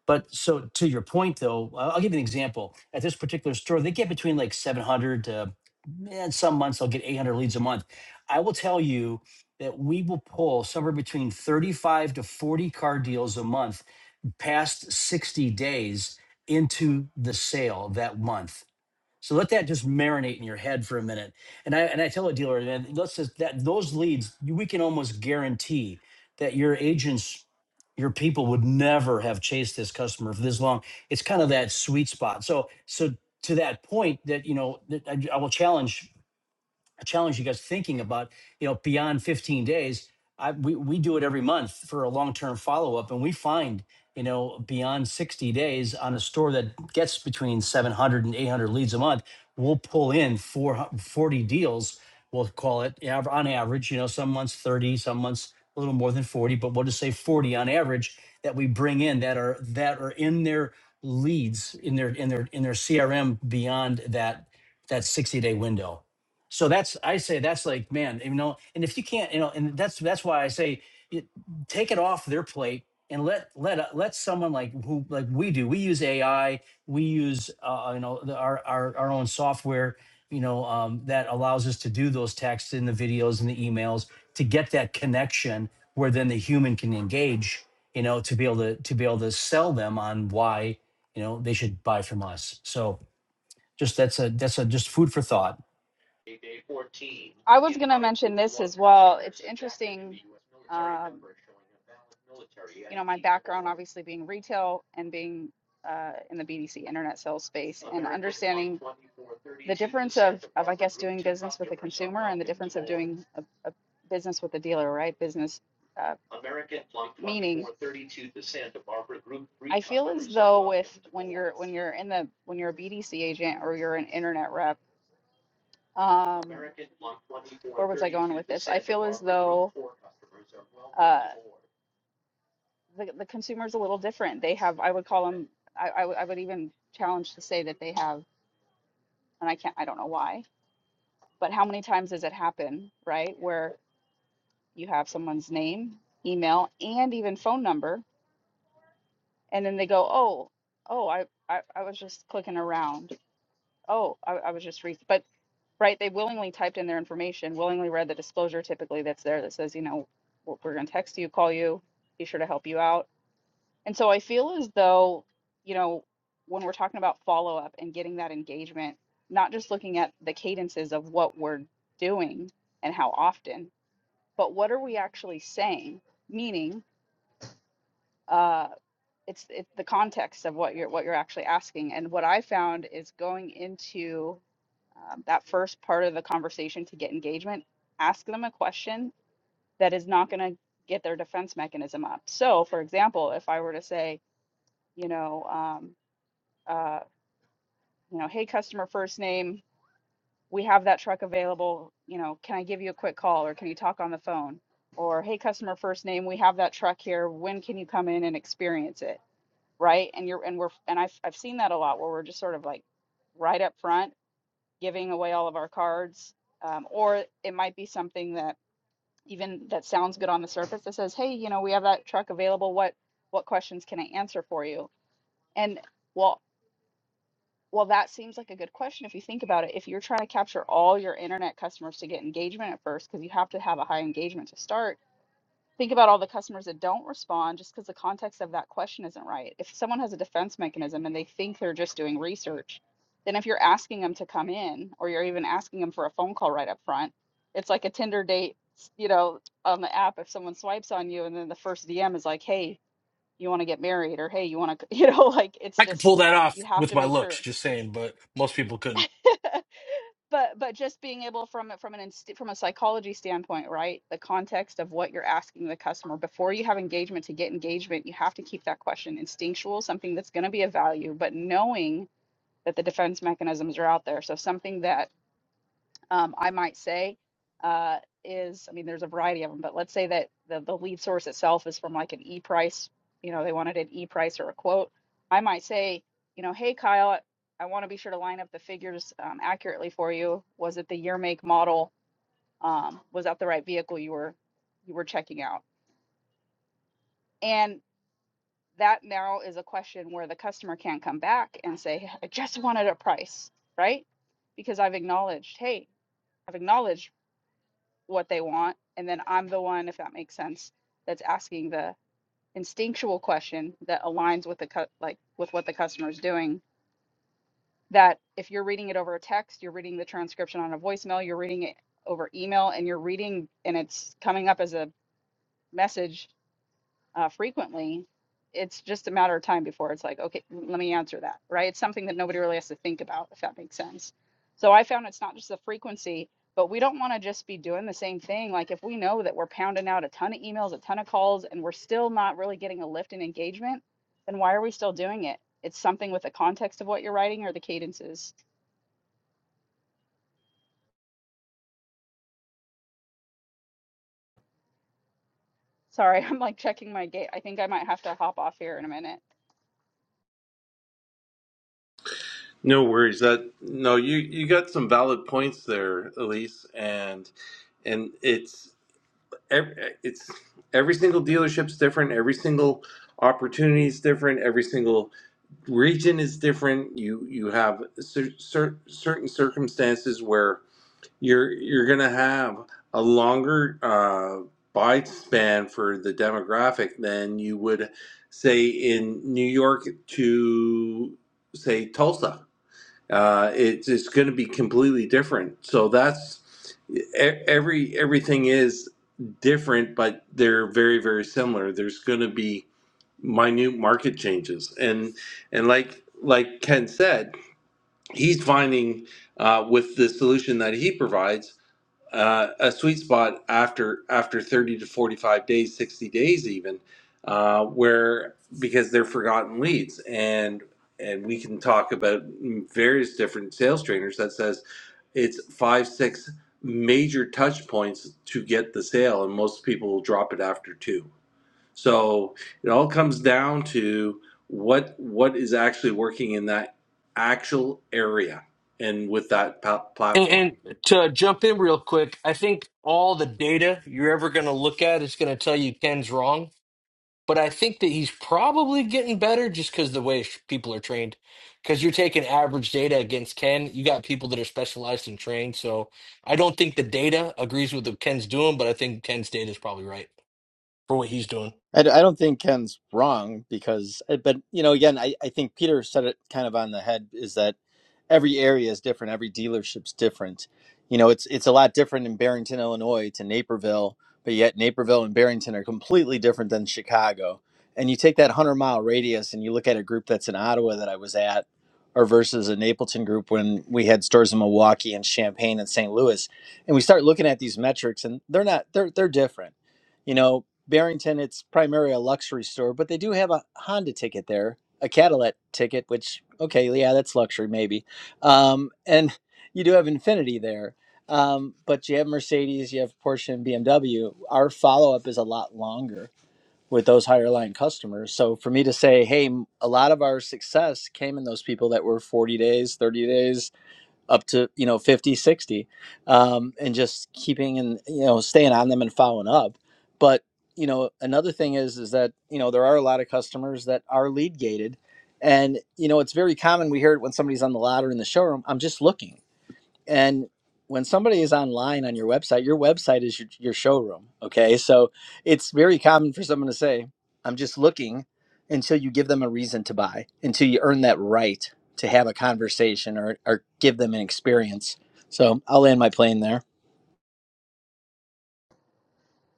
but so to your point though i'll I'll give you an example at this particular store they get between like 700 to and some months they'll get 800 leads a month i will tell you that we will pull somewhere between 35 to 40 car deals a month past 60 days into the sale that month. So let that just marinate in your head for a minute. And I and I tell a dealer that let's just that those leads we can almost guarantee that your agents your people would never have chased this customer for this long. It's kind of that sweet spot. So so to that point that you know that I, I will challenge I challenge you guys thinking about you know beyond 15 days I, we, we do it every month for a long-term follow-up and we find you know beyond 60 days on a store that gets between 700 and 800 leads a month we'll pull in four 40 deals we'll call it av- on average you know some months 30 some months a little more than 40 but we'll just say 40 on average that we bring in that are that are in their leads in their in their in their crm beyond that that 60 day window so that's I say that's like man, you know, and if you can't, you know, and that's that's why I say you, take it off their plate and let let uh, let someone like who like we do. We use AI, we use uh, you know the, our our our own software, you know, um, that allows us to do those texts and the videos and the emails to get that connection where then the human can engage, you know, to be able to to be able to sell them on why you know they should buy from us. So just that's a that's a just food for thought. I was going to mention this as well. It's interesting, um, you know, my background obviously being retail and being uh, in the BDC internet sales space and understanding the difference of, of, I guess, doing business with the consumer and the difference of doing a, a business with the dealer, right? Business uh, meaning I feel as though with when you're when you're in the when you're a BDC agent or you're an internet rep. Um, where was I going with this? I feel as though uh, the the consumer is a little different. They have, I would call them, I, I, would I would even challenge to say that they have, and I can't, I don't know why, but how many times does it happen, right? Where you have someone's name, email, and even phone number, and then they go, oh, oh, I, I, I was just clicking around. Oh, I, I was just re, but. right? They willingly typed in their information, willingly read the disclosure typically that's there that says, you know, we're, we're going to text you, call you, be sure to help you out. And so I feel as though, you know, when we're talking about follow up and getting that engagement, not just looking at the cadences of what we're doing and how often, but what are we actually saying? Meaning uh, it's it's the context of what you're what you're actually asking. And what I found is going into um, that first part of the conversation to get engagement, ask them a question that is not going to get their defense mechanism up. So, for example, if I were to say, you know, um, uh, you know, hey, customer first name, we have that truck available. You know, can I give you a quick call or can you talk on the phone? Or hey, customer first name, we have that truck here. When can you come in and experience it? right? And you're and we're and I've I've seen that a lot where we're just sort of like right up front giving away all of our cards, um, or it might be something that even that sounds good on the surface that says, hey, you know, we have that truck available. What what questions can I answer for you? And well, well, that seems like a good question if you think about it. If you're trying to capture all your internet customers to get engagement at first, because you have to have a high engagement to start think about all the customers that don't respond just because the context of that question isn't right. If someone has a defense mechanism and they think they're just doing research, then if you're asking them to come in or you're even asking them for a phone call right up front, it's like a Tinder date, you know, on the app. If someone swipes on you and then the first DM is like, hey, you want to get married or hey, you want to, you know, like it's I could just, pull that off you have with to my make sure. looks, just saying, but most people couldn't. but but just being able from from an inst- from a psychology standpoint right the context of what you're asking the customer before you have engagement to get engagement you have to keep that question instinctual something that's going to be of value but knowing that the defense mechanisms are out there so something that um, I might say, uh, is I mean, there's a variety of them, but let's say that the, the lead source itself is from like an e price, you know, they wanted an e price or a quote. I might say, you know, hey, Kyle, I want to be sure to line up the figures um, accurately for you. Was it the year, make, model? Um, was that the right vehicle you were you were checking out? And that now is a question where the customer can't come back and say, "Hey, I just wanted a price, right? Because I've acknowledged, hey, I've acknowledged what they want and then i'm the one if that makes sense that's asking the instinctual question that aligns with the cu- like with what the customer is doing that if you're reading it over a text you're reading the transcription on a voicemail you're reading it over email and you're reading and it's coming up as a message uh, frequently, it's just a matter of time before it's like, okay, let me answer that, right? It's something that nobody really has to think about, if that makes sense. So I found it's not just the frequency, but we don't want to just be doing the same thing. Like if we know that we're pounding out a ton of emails, a ton of calls, and we're still not really getting a lift in engagement, then why are we still doing it? It's something with the context of what you're writing or the cadences. Sorry, I'm like checking my gate. I think I might have to hop off here in a minute. No worries. That no, you you got some valid points there, Elise, and and it's every, it's every single dealership's different, every single opportunity is different, every single region is different. You you have cer- cer- certain circumstances where you're you're gonna have a longer uh, bite span for the demographic than you would say in New York to say Tulsa uh, it's it's going to be completely different. So that's e- every everything is different, but they're very very similar. There's going to be minute market changes, and and like like Ken said, he's finding uh, with the solution that he provides uh, a sweet spot after after 30 to 45 days 60 days even uh, where because they're forgotten leads and and we can talk about various different sales trainers that says it's five six major touch points to get the sale and most people will drop it after two so it all comes down to what what is actually working in that actual area and with that pa- And, platform and to jump in real quick, I think all the data you're ever going to look at is going to tell you Ken's wrong but I think that he's probably getting better just because the way sh- people are trained. Because you're taking average data against Ken, you got people that are specialized and trained. So I don't think the data agrees with what Ken's doing, but I think Ken's data is probably right for what he's doing. I, d- I don't think Ken's wrong because, eh, but you know, again, I, I think Peter said it kind of on the head is that every area is different, every dealership's different. You know, it's it's a lot different in Barrington, Illinois, to Naperville, but yet Naperville and Barrington are completely different than Chicago. And you take that hundred mile radius and you look at a group that's in Ottawa that I was at, or versus a Napleton group when we had stores in Milwaukee and Champaign and St. Louis, and we start looking at these metrics and they're not they're they're different. You know, Barrington, it's primarily a luxury store, but they do have a Honda ticket there, a Cadillac ticket, which, okay, yeah, that's luxury maybe. Um, and you do have Infinity there, um, but you have Mercedes, you have Porsche and BMW. Our follow up is a lot longer with those higher line customers. So for me to say, hey, m- a lot of our success came in those people that were 40 days, 30 days, up to you know 50 60, um, and just keeping and you know staying on them and following up but you know another thing is is that you know there are a lot of customers that are lead gated and you know it's very common we hear it when somebody's on the ladder in the showroom i'm just looking and when somebody is online on your website your website is your, your showroom okay so it's very common for someone to say i'm just looking until you give them a reason to buy until you earn that right to have a conversation or, or give them an experience so i'll land my plane there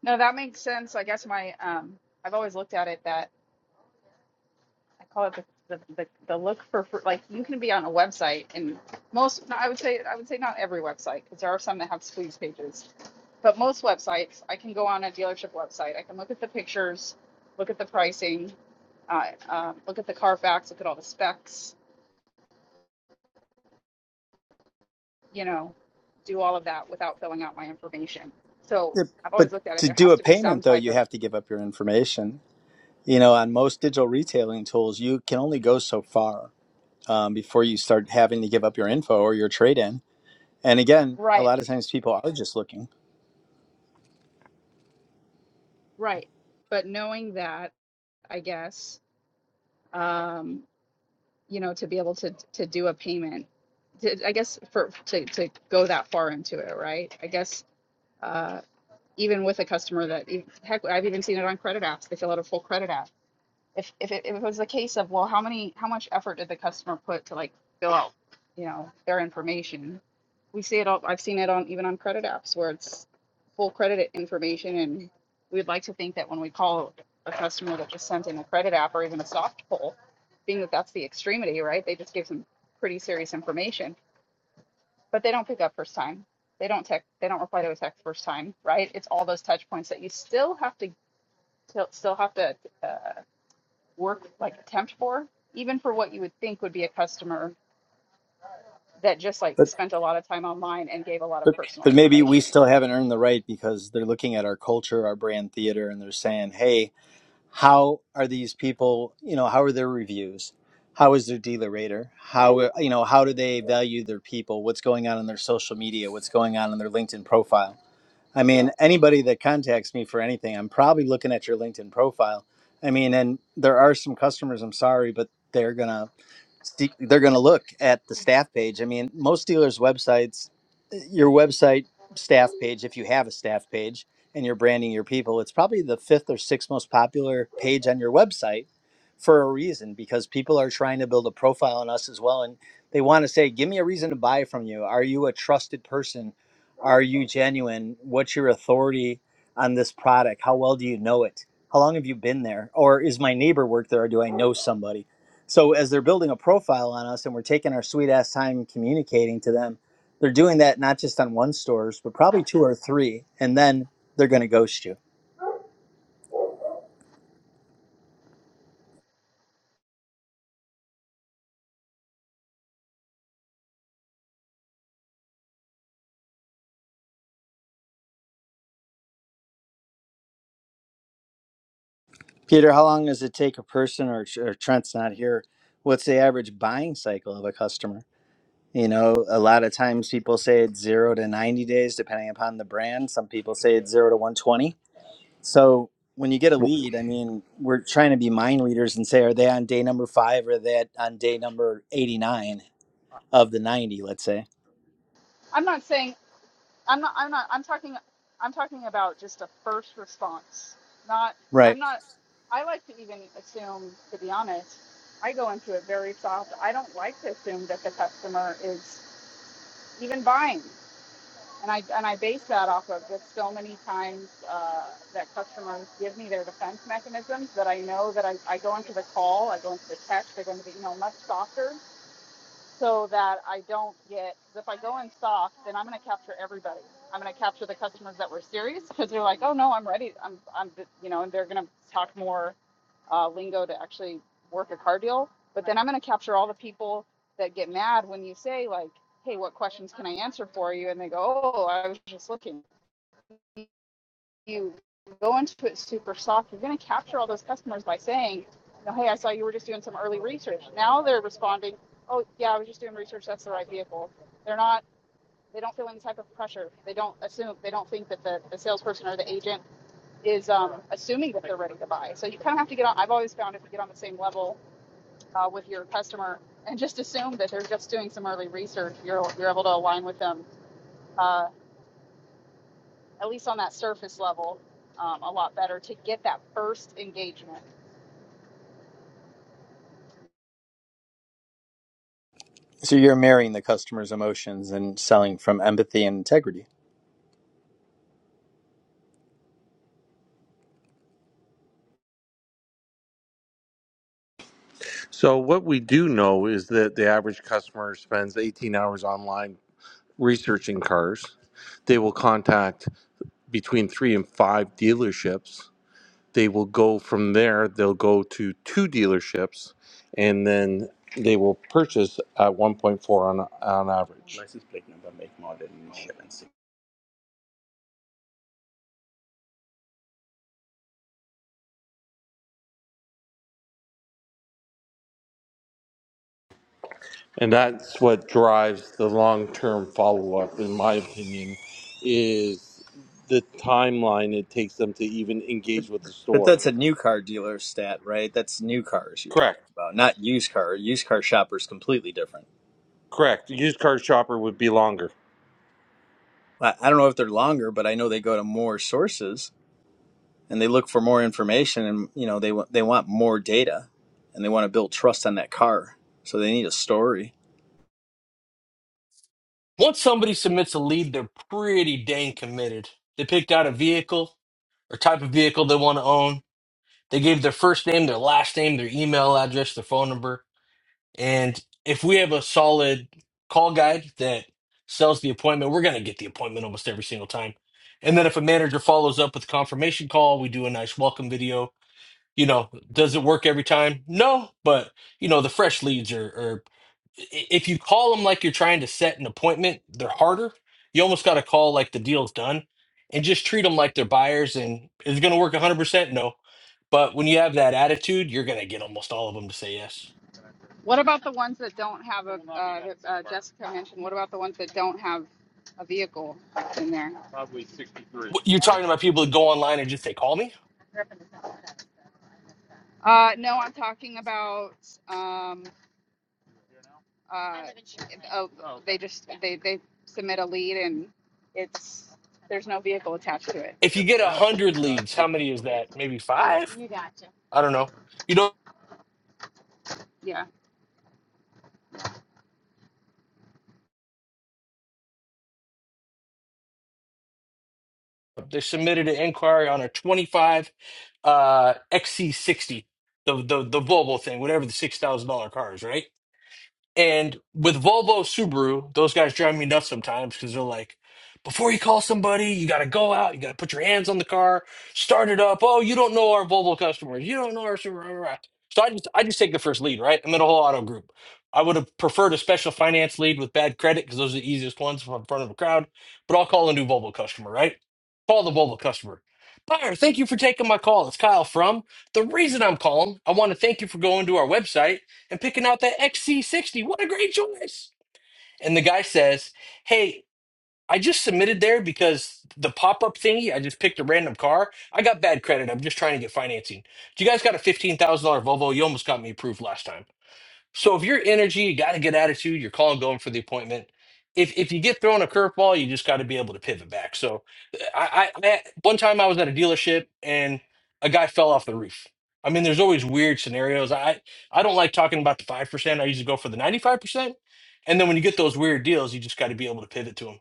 No, that makes sense. I guess my um, I've always looked at it that I call it the, the, the, the look for fr- like you can be on a website and most no, I would say I would say not every website because there are some that have squeeze pages, but most websites I can go on a dealership website I can look at the pictures, look at the pricing, uh, uh, look at the Carfax, look at all the specs, you know, do all of that without filling out my information. So Yep. I've but always looked at it. to There do has a to be some payment though type you of have to give up your information you know on most digital retailing tools you can only go so far um, before you start having to give up your info or your trade-in and again a right, lot of times people are just looking right, but knowing that I guess. Um, you know, to be able to to do a payment, to, I guess for to to go that far into it, right? I guess uh, even with a customer that e, heck, I've even seen it on credit apps. They fill out a full credit app if if it, if it was a case of well how many how much effort did the customer put to like fill out you know their information we see it all i've seen it on even on credit apps where it's full credit information and we'd like to think that when we call a customer that just sent in a credit app or even a soft pull being that that's the extremity right they just gave some pretty serious information but they don't pick up first time they don't text they don't reply to a text first time right it's all those touch points that you still have to still have to uh, work like temp for, even for what you would think would be a customer that just like But, spent a lot of time online and gave a lot but of personal but maybe we information. still haven't earned the right because they're looking at our culture, our brand theater, and they're saying, "Hey, how are these people? You know, how are their reviews? How is their dealer rater? How you know how do they value their people? What's going on in their social media? What's going on in their LinkedIn profile?" I mean, anybody that contacts me for anything, I'm probably looking at your LinkedIn profile. I mean, and there are some customers, I'm sorry, but they're going to they're going to look at the staff page. I mean, most dealers' websites, eh, your website staff page, if you have a staff page and you're branding your people, it's probably the fifth or sixth most popular page on your website for a reason because people are trying to build a profile on us as well. And they want to say, give me a reason to buy from you. Are you a trusted person? Are you genuine? What's your authority on this product? How well do you know it? How long have you been there? Or is my neighbor work there or do I know somebody? So as they're building a profile on us and we're taking our sweet ass time communicating to them, they're doing that not just on one stores, but probably two or three, and then they're going to ghost you. Peter, how long does it take a person or, or Trent's not here? What's the average buying cycle of a customer? You know, a lot of times people say it's zero to 90 days, depending upon the brand. Some people say it's zero to 120. So when you get a lead, I mean, we're trying to be mind readers and say, are they on day number five or are they at- on day number 89 of the 90, let's say? I'm not saying I'm not I'm not I'm talking I'm talking about just a first response. Not Right. I'm not I like to even assume to be honest, I go into it very soft. I don't like to assume that the customer is even buying. And I and I base that off of just so many times uh, that customers give me their defense mechanisms that I know that I, I go into the call, I go into the text, I go into the email much softer so that I don't get, get, if I go in stock, then I'm going to capture everybody. I'm going to capture the customers that were serious because they're like, oh no, I'm ready. I'm, I'm, you know, and they're going to talk more uh, lingo to actually work a car deal. But then I'm going to capture all the people that get mad when you say like, hey, what questions can I answer for you? And they go, oh, I was just looking you go into it super soft, you're going to capture all those customers by saying, you know, hey, I saw you were just doing some early research. Now they're responding, oh, yeah, I was just doing research. That's the right vehicle. They're not, they don't feel any type of pressure. They don't assume, they don't think that the, the salesperson or the agent is um, assuming that they're ready to buy. So you kind of have to get on, I've always found if you get on the same level uh, with your customer and just assume that they're just doing some early research, you're, you're able to align with them uh, at least on that surface level, um, a lot better to get that first engagement. So you're marrying the customer's emotions and selling from empathy and integrity. So what we do know is that the average customer spends 18 hours online researching cars. They will contact between 3 and 5 dealerships. They will go from there, they'll go to two dealerships and then they will purchase at 1.4 on on average. And that's what drives the long-term follow-up in my opinion is the timeline it takes them to even engage with the But store. that's a new car dealer stat, right? That's new cars you're talking Correct. about, not used car. Used car shoppers completely different. Correct. Used car shopper would be longer. I, I don't know if they're longer, but I know they go to more sources. and they look for more information and you know they want they want more data and they want to build trust on that car so they need a story Once somebody submits a lead, they're pretty dang committed. They picked out a vehicle or type of vehicle they want to own. They gave their first name, their last name, their email address, their phone number And if we have a solid call guide that sells the appointment, we're going to get the appointment almost every single time. And then if a manager follows up with a confirmation call, we do a nice welcome video. You know, does it work every time? No, but you know, the fresh leads are, are i- if you call them like you're trying to set an appointment, they're harder. You almost got to call like the deal's done and just treat them like they're buyers. And is it going to work 100%? No. But when you have that attitude, you're going to get almost all of them to say yes. What about the ones that don't have a, uh, uh, Jessica mentioned, what about the ones that don't have a vehicle in there? What- You're talking about people that go online and just say, call me? Uh, no, I'm talking about, um, uh, oh, they just, they, they submit a lead and it's, there's no vehicle attached to it. If you get 100 leads, how many is that? Maybe five? I don't know. You know, Yeah. they submitted an inquiry on a 25 uh, XC60, the, the, the Volvo thing, whatever the $6,000 car is, right? And with Volvo Subaru, those guys drive me nuts sometimes because they're like, before you call somebody, you got to go out, you got to put your hands on the car, start it up. Oh, you don't know our Volvo customers, you don't know our Subaru. So I just I just take the first lead, right? I'm in a whole auto group. I would have preferred a special finance lead with bad credit because those are the easiest ones if I'm in front of a crowd. But I'll call a new Volvo customer, right? Call the Volvo customer. Buyer, thank you for taking my call. It's Kyle from. The reason I'm calling, I want to thank you for going to our website and picking out that XC60. What a great choice. And the guy says, Hey, I just submitted there because the pop up thingy, I just picked a random car. I got bad credit. I'm just trying to get financing. Do you guys got a $15,000 Volvo? You almost got me approved last time. So if you're energy, you got a good attitude, you're calling going for the appointment. If if you get thrown a curveball, you just got to be able to pivot back. So I, I I one time I was at a dealership and a guy fell off the roof. I mean, there's always weird scenarios. I I don't like talking about the five percent. I usually go for the ninety five percent. And then when you get those weird deals, you just got to be able to pivot to them.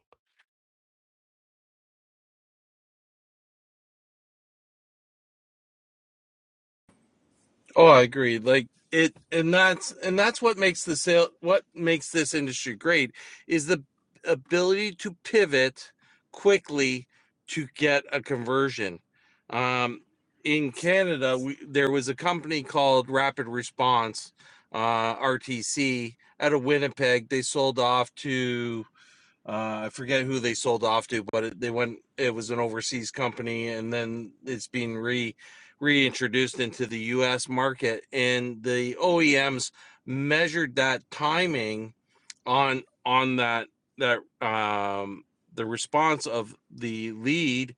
Oh, I agree. Like it, and that's and that's what makes the sale. What makes this industry great is the ability to pivot quickly to get a conversion. Um, in Canada, we, there was a company called Rapid Response, uh, RTC, out of Winnipeg. They sold off to Uh, I forget who they sold off to, but it, they went. It was an overseas company, and then it's being re reintroduced into the U.S. market. And the OEMs measured that timing on on that that um, the response of the lead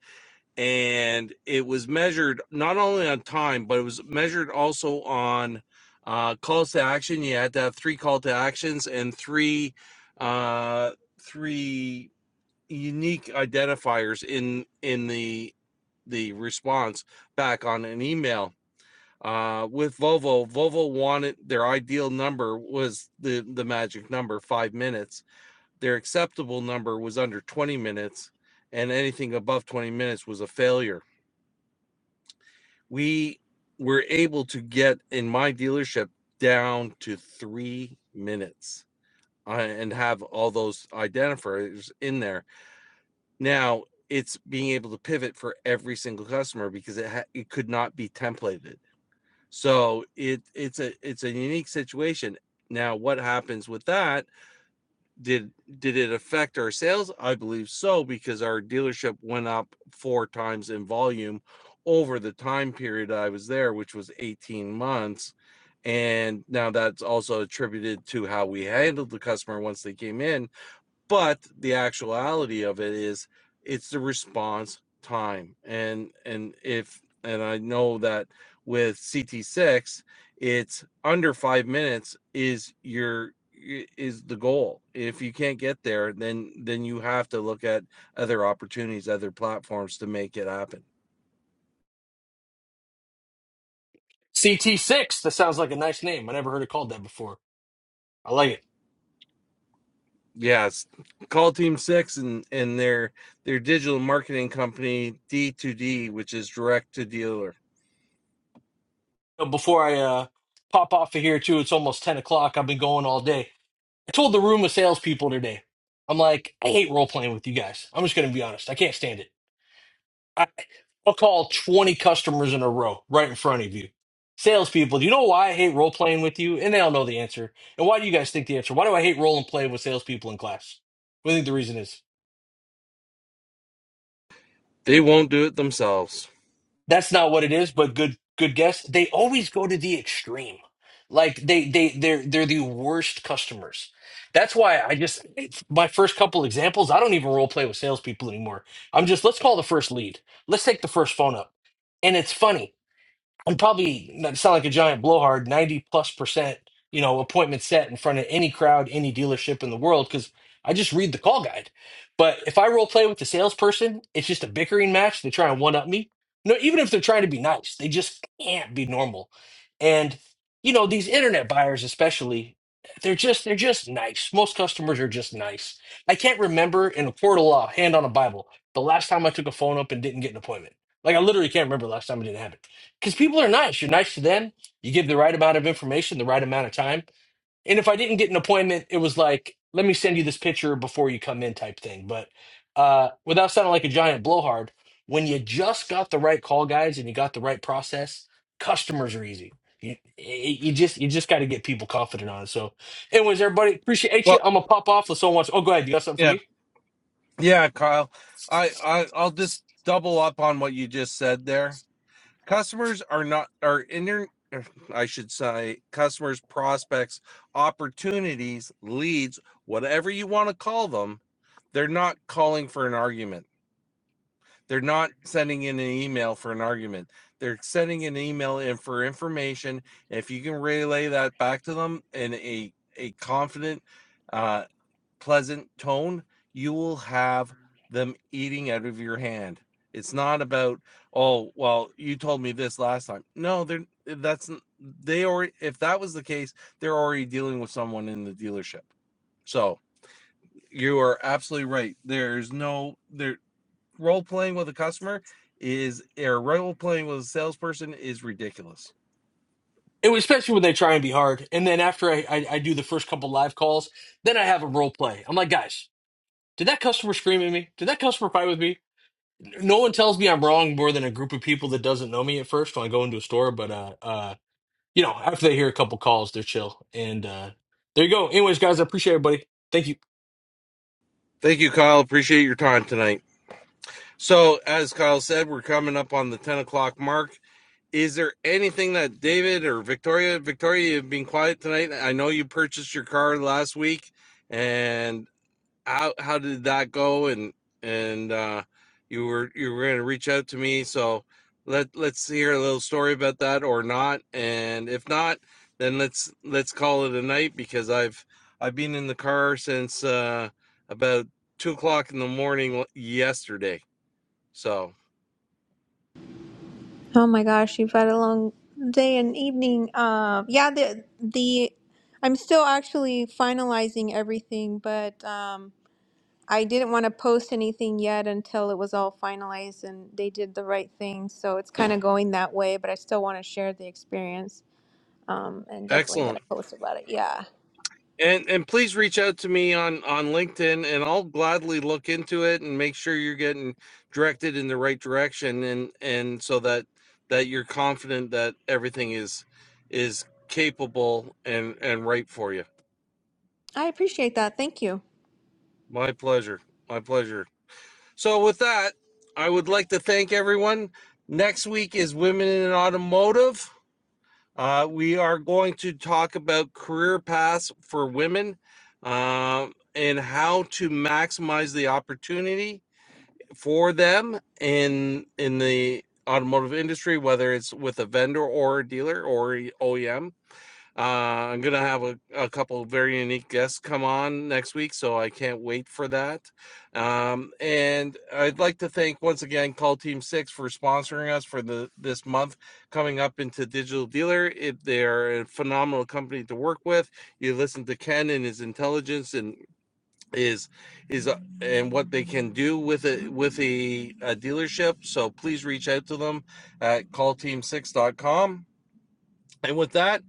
and it was measured not only on time, but it was measured also on uh, calls to action. You had to have three call to actions and three uh, three unique identifiers in in the the response back on an email. Uh, with Volvo, Volvo wanted their ideal number was the the magic number five minutes. Their acceptable number was under twenty minutes, and anything above twenty minutes was a failure we were able to get in my dealership down to three minutes uh, and have all those identifiers in there. Now it's being able to pivot for every single customer because it ha- it could not be templated. So it it's a it's a unique situation. Now what happens with that did did it affect our sales? I believe so because our dealership went up four times in volume over the time period I was there, which was 18 months. And now that's also attributed to how we handled the customer once they came in but the actuality of it is it's the response time and and if and i know that with ct6 it's under five minutes is your is the goal if you can't get there then then you have to look at other opportunities other platforms to make it happen CT six. That sounds like a nice name. I never heard it called that before. I like it. yes call team six and and their their digital marketing company d2d which is direct to dealer Uh, Before I uh, pop off of here too, it's almost ten o'clock. I've been going all day. I told the room of salespeople today, I'm like, I hate role playing with you guys. I'm just going to be honest. I can't stand it. I, I'll call 20 customers in a row right in front of you. Salespeople, do you know why I hate role playing with you? And they all know the answer. And why do you guys think the answer? Why do I hate role and play with salespeople in class? What do you think the reason is? They won't do it themselves. that's not what it is but good good guess they always go to the extreme like they they they're they're the worst customers that's why i just it's my first couple examples i don't even role play with salespeople anymore i'm just let's call the first lead let's take the first phone up and it's funny I'm probably not sound like a giant blowhard, 90 plus percent, you know, appointment set in front of any crowd, any dealership in the world, because I just read the call guide. But if I role play with the salesperson, it's just a bickering match. They try and one up me. No, even if they're trying to be nice, they just can't be normal. And, you know, these internet buyers especially, they're just they're just nice. Most customers are just nice. I can't remember in a court of law, hand on a Bible, the last time I took a phone up and didn't get an appointment. Like I literally can't remember the last time it didn't happen because people are nice. You're nice to them. You give the right amount of information, the right amount of time. And if I didn't get an appointment, it was like, let me send you this picture before you come in type thing. But uh, without sounding like a giant blowhard, when you just got the right call guys and you got the right process, customers are easy. You, eh, you just you just got to get people confident on it. So, anyways, everybody appreciate you. Well, I'm gonna pop off. If someone wants, oh, go ahead. You got something for yeah, me? yeah, Kyle. I, I I'll just double up on what you just said there. customers are not are inter I should say customers, prospects, opportunities, leads, whatever you want to call them, they're not calling for an argument. They're not sending in an email for an argument. They're sending an email in for information. If you can relay that back to them in a a confident, uh, pleasant tone, you will have them eating out of your hand. It's not about, oh, well, you told me this last time. No, they're eh, that's they already if that was the case, they're already dealing with someone in the dealership. So you are absolutely right. There's no there role playing with a customer is or role playing with a salesperson is ridiculous. It was especially when they try and be hard. And then after I, I, I do the first couple live calls, then I have a role play. I'm like, guys, Did that customer scream at me? Did that customer fight with me? No one tells me I'm wrong more than a group of people that doesn't know me at first when I go into a store. But uh, uh, you know, after they hear a couple calls, they're chill. And uh, there you go. Anyways, guys, I appreciate everybody. Thank you. Thank you, Kyle. Appreciate your time tonight. So as Kyle said, we're coming up on the 10 o'clock mark. is there anything that David or Victoria, Victoria, you've been quiet tonight. I know you purchased your car last week, and how how did that go? And and uh, you were you were going to reach out to me, so let let's hear a little story about that or not. And if not, then let's let's call it a night because I've I've been in the car since uh, about two o'clock in the morning yesterday. So Oh my gosh, you've had a long day and evening. Uh, yeah, the the I'm still actually finalizing everything, but um, I didn't want to post anything yet until it was all finalized and they did the right thing. So it's kind of going that way, but I still want to share the experience um, and definitely excellent. gonna post about it. Yeah, And and please reach out to me on on LinkedIn, and I'll gladly look into it and make sure you're getting directed in the right direction, and and so that that you're confident that everything is is capable and and right for you. I appreciate that. Thank you. My pleasure, my pleasure. So with that, I would like to thank everyone. Next week is Women in Automotive. Uh, we are going to talk about career paths for women um, and how to maximize the opportunity for them in in the automotive industry, whether it's with a vendor or a dealer or OEM. Uh, I'm gonna have a, a couple of very unique guests come on next week, so I can't wait for that. Um, and I'd like to thank once again Call Team Six for sponsoring us for the this month coming up into Digital Dealer. It, they're a phenomenal company to work with. You listen to Ken and his intelligence and is is uh, and what they can do with it with a, a dealership. So please reach out to them at callteam6.com and with that,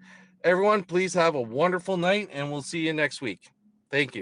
everyone, please have a wonderful night and we'll see you next week. Thank you.